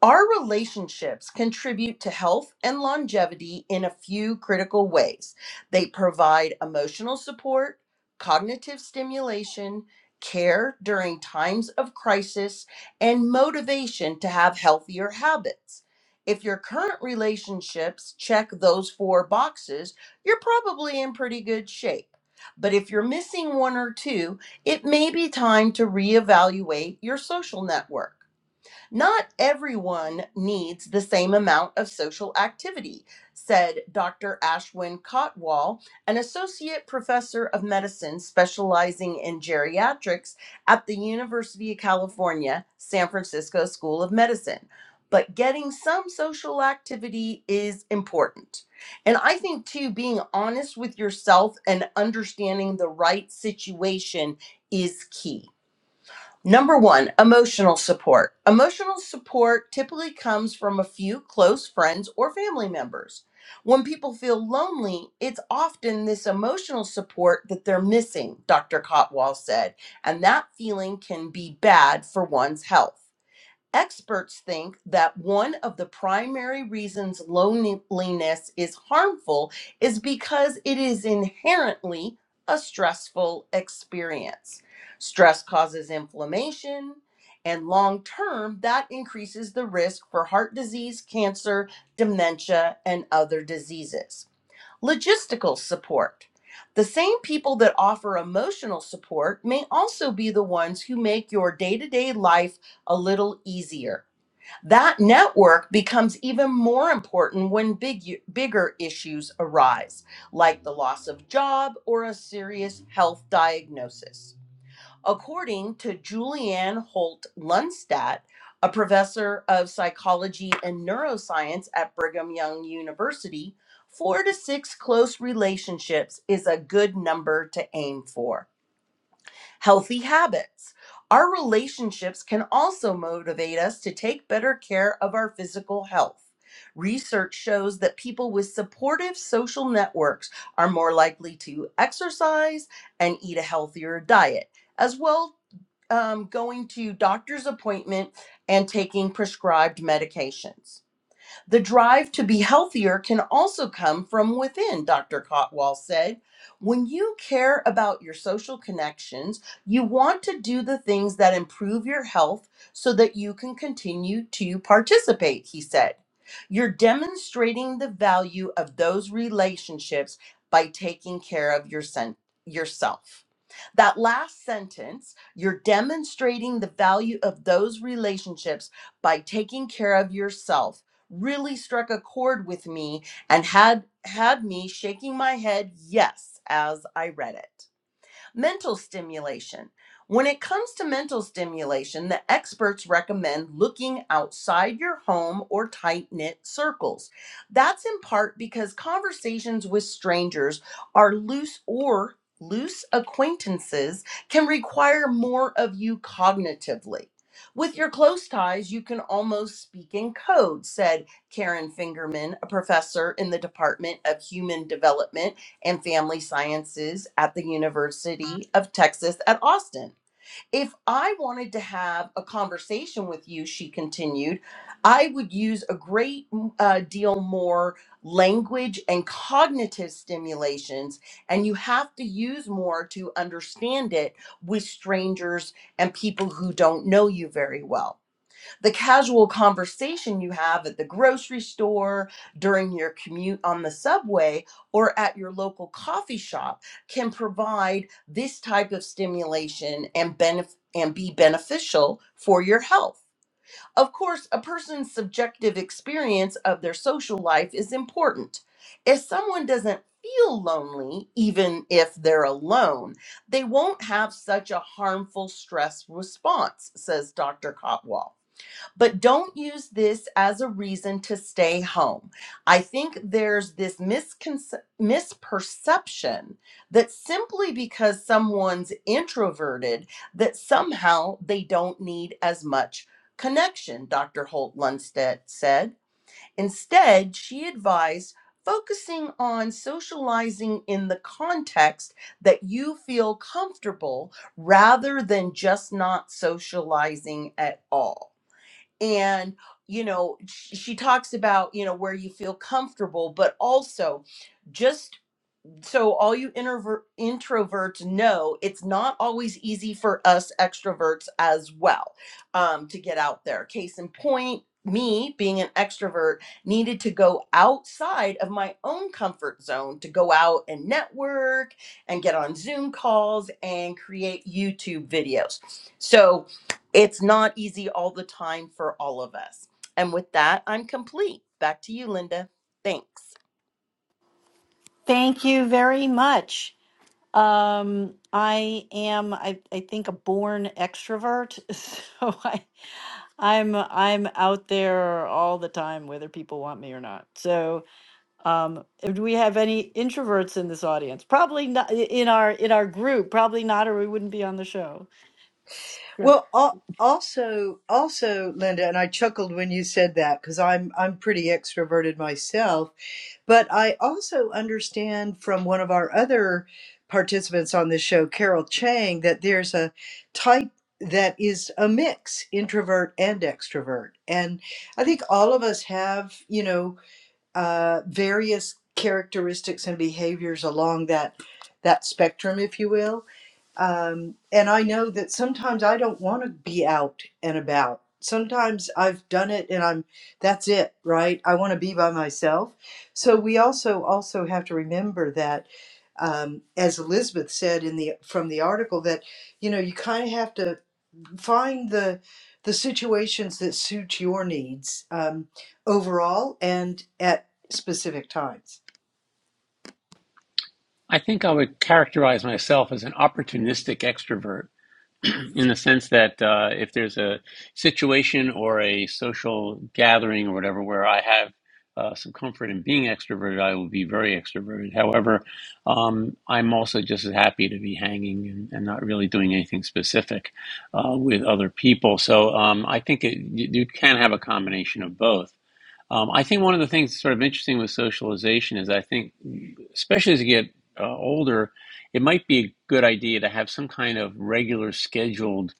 Speaker 6: our relationships contribute to health and longevity in a few critical ways. They provide emotional support, cognitive stimulation, care during times of crisis, and motivation to have healthier habits. If your current relationships check those four boxes, you're probably in pretty good shape. But if you're missing one or two, it may be time to reevaluate your social network. Not everyone needs the same amount of social activity, said Dr. Ashwin Kotwal, an associate professor of medicine specializing in geriatrics at the University of California, San Francisco School of Medicine. But getting some social activity is important. And I think, too, being honest with yourself and understanding the right situation is key Number one, emotional support. Emotional support typically comes from a few close friends or family members. When people feel lonely, it's often this emotional support that they're missing, Dr. Cotwall said, and that feeling can be bad for one's health. Experts think that one of the primary reasons loneliness is harmful is because it is inherently a stressful experience. Stress causes inflammation, and long term, that increases the risk for heart disease, cancer, dementia, and other diseases. Logistical support. The same people that offer emotional support may also be the ones who make your day to day life a little easier. That network becomes even more important when big, bigger issues arise, like the loss of job or a serious health diagnosis according to Julianne Holt Lundstadt, a professor of psychology and neuroscience at Brigham Young University, four to six close relationships is a good number to aim for. Healthy habits. Our relationships can also motivate us to take better care of our physical health. Research shows that people with supportive social networks are more likely to exercise and eat a healthier diet as well um, going to doctor's appointment and taking prescribed medications. The drive to be healthier can also come from within, Dr. Cotwall said. When you care about your social connections, you want to do the things that improve your health so that you can continue to participate, he said. You're demonstrating the value of those relationships by taking care of your sen- yourself. That last sentence, you're demonstrating the value of those relationships by taking care of yourself really struck a chord with me and had had me shaking my head yes as I read it. Mental stimulation. When it comes to mental stimulation, the experts recommend looking outside your home or tight knit circles. That's in part because conversations with strangers are loose or loose acquaintances can require more of you cognitively. With your close ties, you can almost speak in code, said Karen Fingerman, a professor in the Department of Human Development and Family Sciences at the University of Texas at Austin. If I wanted to have a conversation with you, she continued, I would use a great mm, uh, deal more language and cognitive stimulations, and you have to use more to understand it with strangers and people who don't know you very well the casual conversation you have at the grocery store, during your commute on the subway, or at your local coffee shop can provide this type of stimulation and benef- and be beneficial for your health. Of course, a person's subjective experience of their social life is important. If someone doesn't feel lonely, even if they're alone, they won't have such a harmful stress response, says Dr. Cotwall. But don't use this as a reason to stay home. I think there's this misconce- misperception that simply because someone's introverted, that somehow they don't need as much connection, Dr. Holt Lundstedt said. Instead, she advised focusing on socializing in the context that you feel comfortable rather than just not socializing at all and you know sh- she talks about you know where you feel comfortable but also just so all you introvert introverts know it's not always easy for us extroverts as well um, to get out there case in point me being an extrovert needed to go outside of my own comfort zone to go out and network and get on zoom calls and create youtube videos so it's not easy all the time for all of us and with that i'm complete back to you linda thanks
Speaker 3: Thank you very much. Um, I am, I, I think, a born extrovert, so I, I'm I'm out there all the time, whether people want me or not. So Um, uh, do we have any introverts in this audience? Probably not in our in our group. Probably not, or we wouldn't be on the show. Sure.
Speaker 2: well al- also also linda and i chuckled when you said that because i'm i'm pretty extroverted myself But I also understand from one of our other participants on this show, Carol Chang, that there's a type that is a mix introvert and extrovert and i think all of us have you know uh, various characteristics and behaviors along that that spectrum, if you will. Um, and I know that sometimes I don't want to be out and about. Sometimes I've done it and I'm that's it, right? I want to be by myself. So we also also have to remember that um, as Elizabeth said in the from the article that you know you kind of have to find the the situations that suit your needs um, overall and at specific times.
Speaker 1: I think I would characterize myself as an opportunistic extrovert. in the sense that uh, if there's a situation or a social gathering or whatever where I have uh, some comfort in being extroverted, I will be very extroverted. However, um, I'm also just as happy to be hanging and, and not really doing anything specific uh, with other people. So um, I think it, you, you can have a combination of both. Um, I think one of the things that's sort of interesting with socialization is I think, especially as you get uh, older, it might be a good idea to have some kind of regular scheduled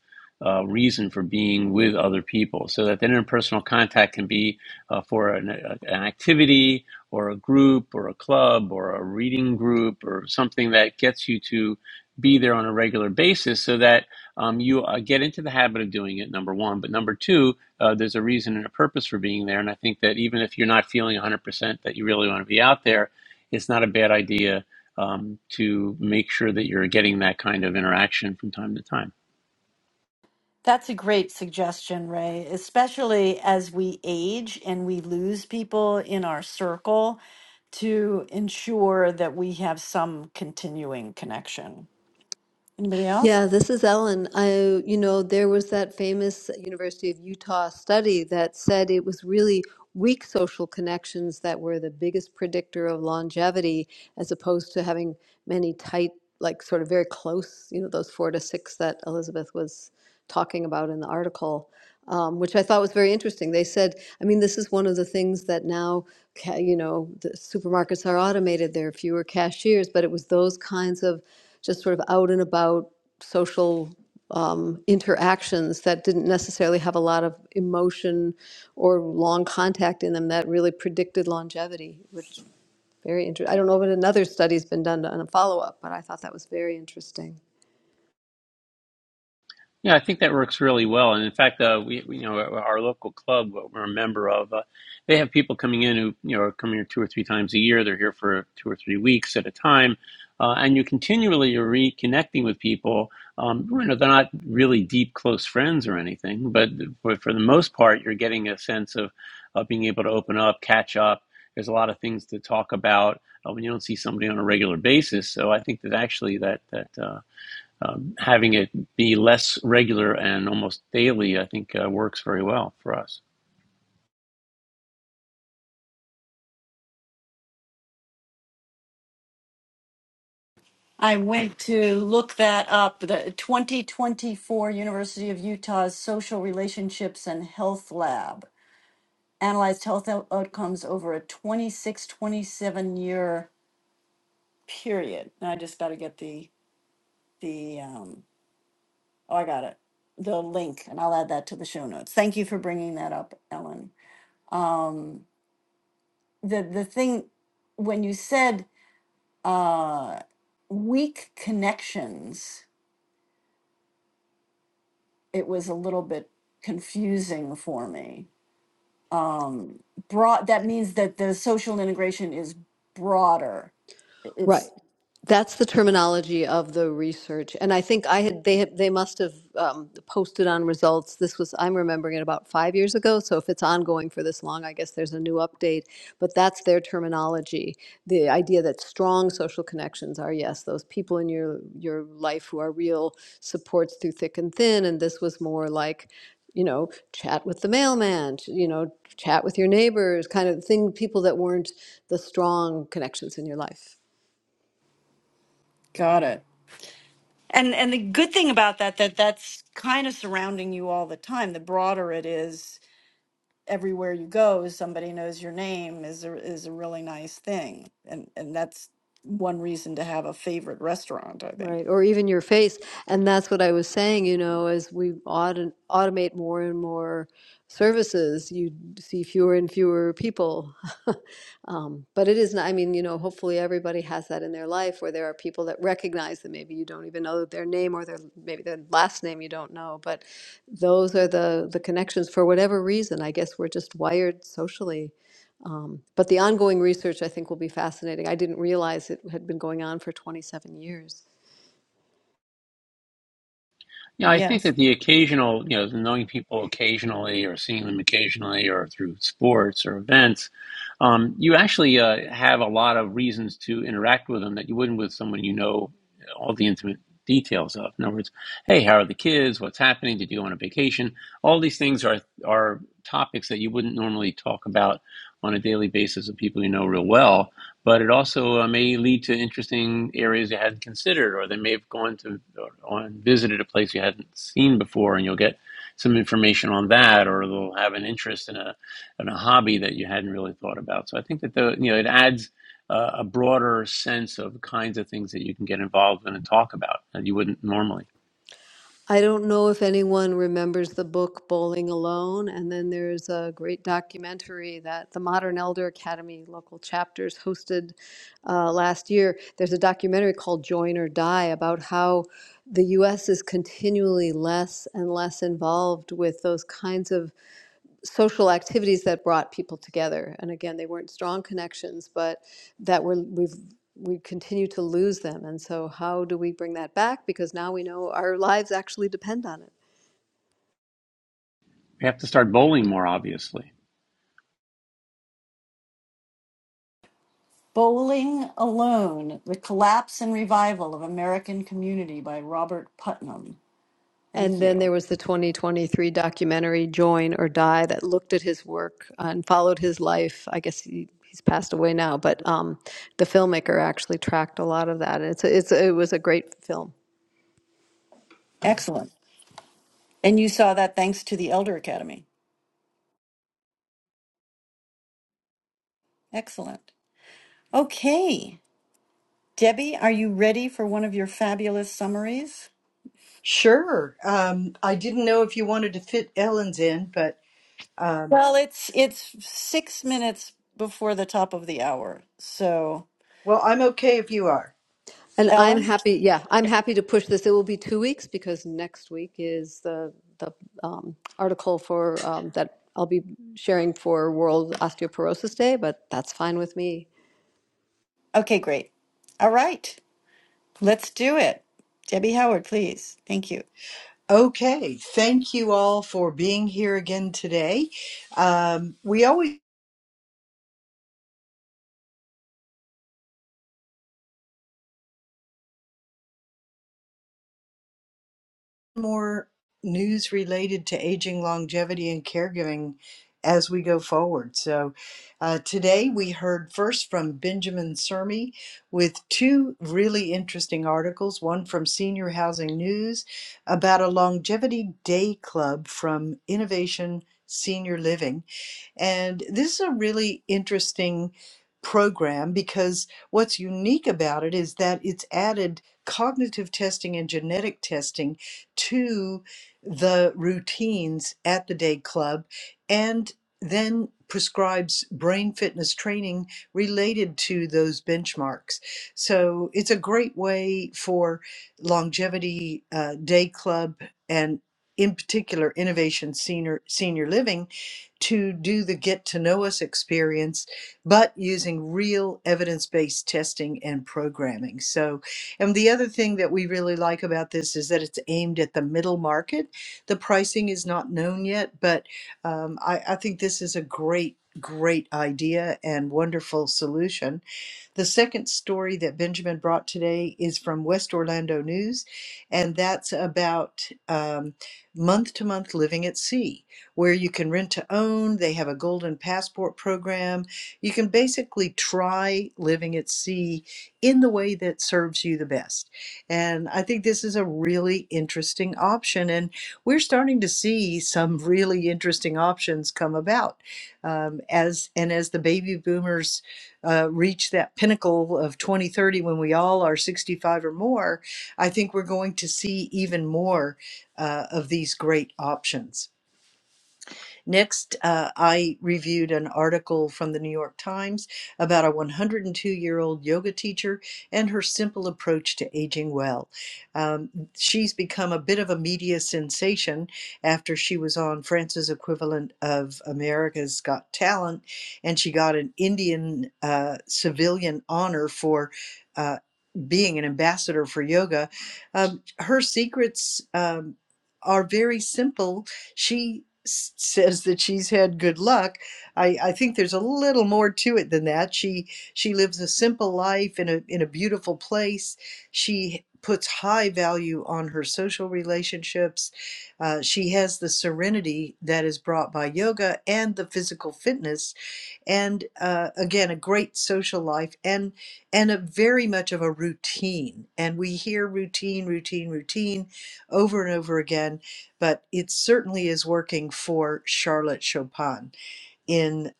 Speaker 1: uh, reason for being with other people so that the interpersonal contact can be uh, for an, a, an activity or a group or a club or a reading group or something that gets you to be there on a regular basis so that um, you uh, get into the habit of doing it, number one. But number two, uh, there's a reason and a purpose for being there. And I think that even if you're not feeling 100% that you really want to be out there, it's not a bad idea um, to make sure that you're getting that kind of interaction from time to time.
Speaker 3: That's a great suggestion, Ray, especially as we age and we lose people in our circle to ensure that we have some continuing connection. Anybody else?
Speaker 5: Yeah, this is Ellen. I, you know, there was that famous University of Utah study that said it was really weak social connections that were the biggest predictor of longevity, as opposed to having many tight, like sort of very close, you know, those four to six that Elizabeth was talking about in the article, um, which I thought was very interesting. They said, I mean, this is one of the things that now, ca- you know, the supermarkets are automated, there are fewer cashiers, but it was those kinds of just sort of out and about social um, interactions that didn't necessarily have a lot of emotion or long contact in them that really predicted longevity, which very interesting. I don't know if another study's been done on a follow up, but I thought that was very interesting.
Speaker 1: Yeah, I think that works really well. And in fact, uh, we, we, you know, our local club, what we're a member of, uh, they have people coming in who, you know, are coming here two or three times a year. They're here for two or three weeks at a time. Uh, and you continually are reconnecting with people. Um, you know, they're not really deep, close friends or anything, but for, for the most part, you're getting a sense of, of being able to open up, catch up. There's a lot of things to talk about uh, when you don't see somebody on a regular basis. So I think that actually that, that, uh, um, having it be less regular and almost daily, I think uh, works very well for us.
Speaker 3: I went to look that up. The 2024 University of Utah's Social Relationships and Health Lab analyzed health out- outcomes over a 26 27 year period. Now I just got to get the, the, um, oh, I got it, the link, and I'll add that to the show notes. Thank you for bringing that up, Ellen. Um, the, the thing, when you said uh, weak connections, it was a little bit confusing for me. Um, broad, that means that the social integration is broader.
Speaker 5: Right.
Speaker 3: It's,
Speaker 5: That's the terminology of the research, and I think I had they had, they must have um, posted on results. This was I'm remembering it about five years ago. So if it's ongoing for this long, I guess there's a new update. But that's their terminology. The idea that strong social connections are yes, those people in your your life who are real supports through thick and thin, and this was more like you know chat with the mailman ch- you know chat with your neighbors kind of thing people that weren't the strong connections in your life
Speaker 3: got it. And and the good thing about that that that's kind of surrounding you all the time. The broader it is, everywhere you go, somebody knows your name is a, is a really nice thing. And and that's one reason to have a favorite restaurant, I think.
Speaker 5: Right, or even your face. And that's what I was saying, you know, as we auto automate more and more services, you see fewer and fewer people. Um, but it is not, I mean, you know, hopefully everybody has that in their life where there are people that recognize that maybe you don't even know their name or their maybe their last name you don't know. But those are the the connections for whatever reason. I guess we're just wired socially. Um, but the ongoing research I think will be fascinating. I didn't realize it had been going on for 27 years.
Speaker 1: Yeah, I think
Speaker 3: Yes.
Speaker 1: that the occasional, you know, knowing people occasionally or seeing them occasionally or through sports or events, um, you actually uh, have a lot of reasons to interact with them that you wouldn't with someone you know all the intimate details of. In other words, hey, how are the kids? What's happening? Did you go on a vacation? All these things are are topics that you wouldn't normally talk about on a daily basis with people you know real well but it also uh, may lead to interesting areas you hadn't considered, or they may have gone to or, visited a place you hadn't seen before, and you'll get some information on that, or they'll have an interest in a in a hobby that you hadn't really thought about. So I think that the you know it adds uh, a broader sense of the kinds of things that you can get involved in and talk about that you wouldn't normally.
Speaker 5: I don't know if anyone remembers the book Bowling Alone, and then there's a great documentary that the Modern Elder Academy local chapters hosted uh, last year. There's a documentary called Join or Die about how the U.S. is continually less and less involved with those kinds of social activities that brought people together. And again, they weren't strong connections, but that we we've, we continue to lose them. And so, how do we bring that back? Because now we know our lives actually depend on it.
Speaker 1: We have to start bowling more, obviously.
Speaker 3: Bowling Alone: The Collapse and Revival of American Community by Robert Putnam. Thank
Speaker 5: And then
Speaker 3: you.
Speaker 5: there was the 2023 documentary Join or Die that looked at his work and followed his life. I guess he, he's passed away now, but um, the filmmaker actually tracked a lot of that. It's a, it's a, it was a great film.
Speaker 3: Excellent. And you saw that thanks to the Elder Academy. Excellent. Okay. Debbie, are you ready for one of your fabulous summaries?
Speaker 2: Sure. Um, I didn't know if you wanted to fit Ellen's in, but um,
Speaker 3: Well, it's it's six minutes before the top of the hour. So,
Speaker 2: well, I'm okay if you are.
Speaker 5: And I'm
Speaker 3: Ellen?
Speaker 5: happy, yeah, I'm happy to push this. It will be two weeks because next week is the the um, article for um, that I'll be sharing for World Osteoporosis Day, but that's fine with me.
Speaker 3: Okay, great. All right. Let's do it. Debbie Howard, please. Thank you.
Speaker 2: Okay. Thank you all for being here again today. Um, we always more news related to aging, longevity, and caregiving as we go forward. So uh, today we heard first from Benjamin Sermi with two really interesting articles, one from Senior Housing News about a longevity day club from Innovation Senior Living and this is a really interesting program because what's unique about it is that it's added cognitive testing and genetic testing to the routines at the day club and then prescribes brain fitness training related to those benchmarks. So it's a great way for longevity uh, day club and in particular innovation senior senior living to do the get to know us experience, but using real evidence based testing and programming. So, and the other thing that we really like about this is that it's aimed at the middle market. The pricing is not known yet, but um, I, I think this is a great, great idea and wonderful solution. The second story that Benjamin brought today is from West Orlando News, and that's about month to month living at sea, where you can rent to own. They have a golden passport program. You can basically try living at sea in the way that serves you the best. And I think this is a really interesting option. And we're starting to see some really interesting options come about um, as and as the baby boomers uh, reach that pinnacle of 2030 when we all are 65 or more, I think we're going to see even more uh, of these great options. Next, uh, I reviewed an article from the New York Times about a 102 year old yoga teacher and her simple approach to aging well. Um, she's become a bit of a media sensation after she was on France's equivalent of America's Got Talent, and she got an Indian uh, civilian honor for. Uh, being an ambassador for yoga, um, her secrets um, are very simple she says that she's had good luck. I, I think there's a little more to it than that. She she lives a simple life in a in a beautiful place. She puts high value on her social relationships. Uh, she has the serenity that is brought by yoga and the physical fitness and uh, again a great social life and and a very much of a routine and we hear routine routine routine over and over again but it certainly is working for charlotte chopin in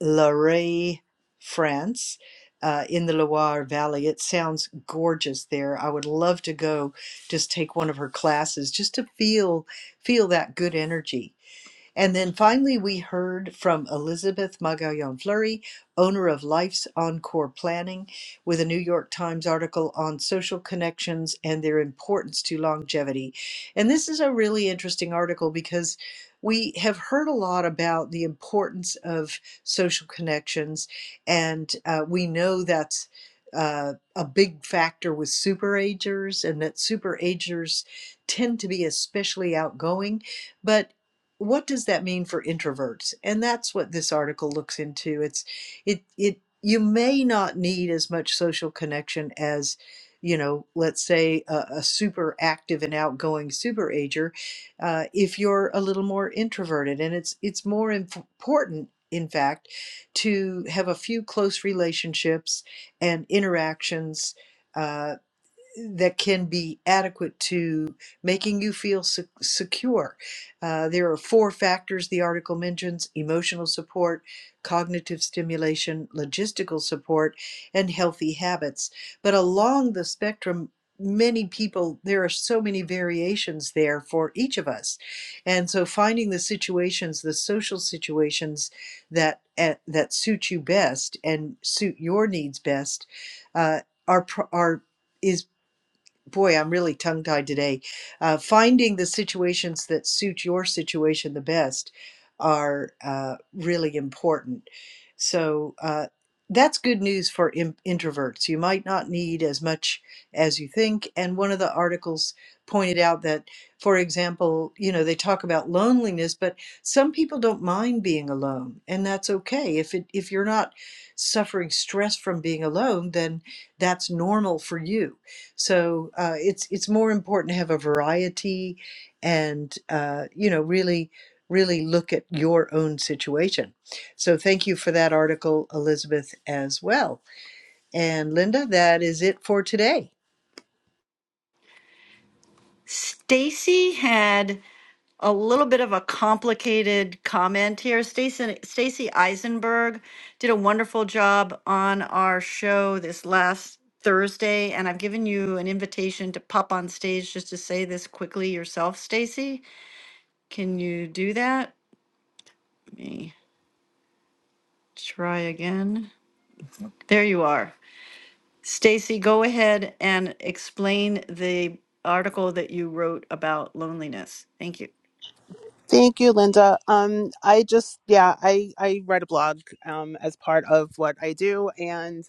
Speaker 2: Larey, france uh, in the loire valley it sounds gorgeous there i would love to go just take one of her classes just to feel feel that good energy and then finally, we heard from Elizabeth Magallon Fleury, owner of Life's Encore Planning, with a New York Times article on social connections and their importance to longevity. And this is a really interesting article because we have heard a lot about the importance of social connections, and uh, we know that's. Uh, a big factor with superagers, and that superagers tend to be especially outgoing. But what does that mean for introverts and that's what this article looks into it's it it you may not need as much social connection as you know let's say a, a super active and outgoing superager. uh, if you're a little more introverted and it's it's more inf- important in fact to have a few close relationships and interactions uh, that can be adequate to making you feel se- secure. Uh, there are four factors the article mentions emotional support, cognitive stimulation, logistical support, and healthy habits. But along the spectrum, many people, there are so many variations there for each of us. And so finding the situations, the social situations that, eh, that suit you best and suit your needs best uh, are, pro- are is boy, I'm really tongue tied today. Uh, finding the situations that suit your situation the best are uh, really important. So uh, that's good news for in- introverts. You might not need as much as you think. And one of the articles pointed out that, for example, you know, they talk about loneliness, but some people don't mind being alone, and that's okay. If it if you're not suffering stress from being alone, then that's normal for you so uh, it's it's more important to have a variety, and uh, you know really really look at your own situation. So thank you for that article, Elizabeth, as well. And Linda, that is it for today.
Speaker 3: Stacy had a little bit of a complicated comment here. Stacy Stacy Eisenberg did a wonderful job on our show this last Thursday, and I've given you an invitation to pop on stage just to say this quickly yourself, Stacy. Can you do that? Let Me. Try again. There you are. Stacy, go ahead and explain the article that you wrote about loneliness. Thank you.
Speaker 7: Thank you, Linda. Um, I just, yeah, I, I write a blog um, as part of what I do. And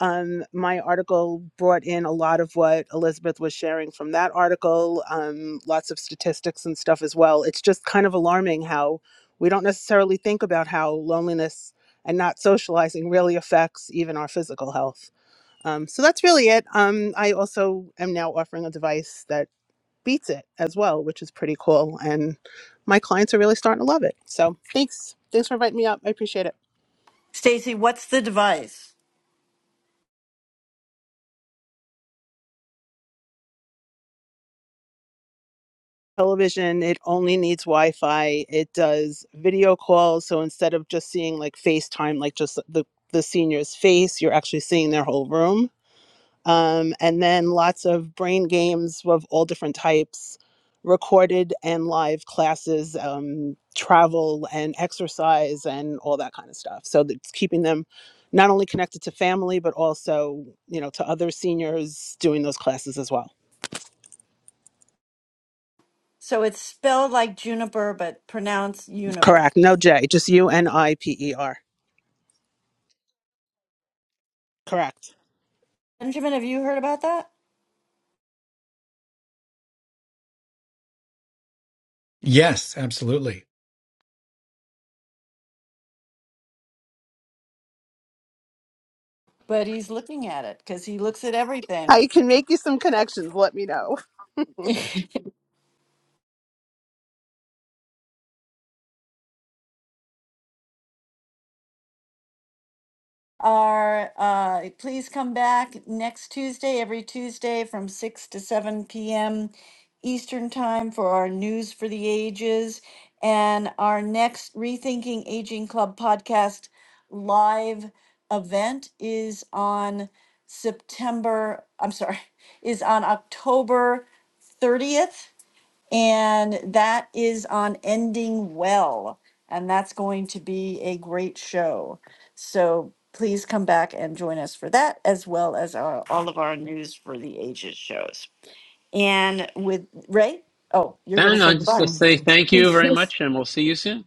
Speaker 7: um, my article brought in a lot of what Elizabeth was sharing from that article, um, lots of statistics and stuff as well. It's just kind of alarming how we don't necessarily think about how loneliness and not socializing really affects even our physical health. Um, so that's really it. Um, I also am now offering a device that beats it as well, which is pretty cool. And my clients are really starting to love it. So thanks. Thanks for inviting me up. I appreciate it.
Speaker 3: Stacy, what's the device?
Speaker 7: Television, it only needs Wi Fi. It does video calls. So instead of just seeing like FaceTime, like just the, the senior's face, you're actually seeing their whole room um, and then lots of brain games of all different types, recorded and live classes, um, travel and exercise, and all that kind of stuff. So that's keeping them not only connected to family but also you know to other seniors doing those classes as well.
Speaker 3: So it's spelled like juniper, but pronounced uniper.
Speaker 7: Correct. No J, just U N I P E R. Correct.
Speaker 3: Benjamin, have you heard about that?
Speaker 4: Yes, absolutely.
Speaker 3: But he's looking at it because he looks at everything.
Speaker 7: I can make you some connections. Let me know.
Speaker 3: are, uh, please come back next Tuesday, every Tuesday from six to seven PM Eastern Time for our News for the Ages. And our next Rethinking Aging Club podcast live event is on September, I'm sorry, is on October thirtieth and that is on Ending Well. And that's going to be a great show. So please come back and join us for that, as well as our, all of our News for the Ages shows. And with Ray, oh, you're going to
Speaker 1: And
Speaker 3: say
Speaker 1: I just to
Speaker 3: goodbye.
Speaker 1: say thank you very much, and we'll see you soon.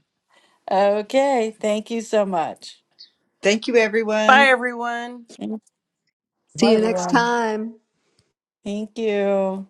Speaker 3: okay. Thank you so much.
Speaker 2: Thank you,
Speaker 6: bye
Speaker 2: everyone.
Speaker 6: everyone
Speaker 5: See
Speaker 4: Bye,
Speaker 5: you next
Speaker 4: everyone.
Speaker 5: time.
Speaker 3: Thank you.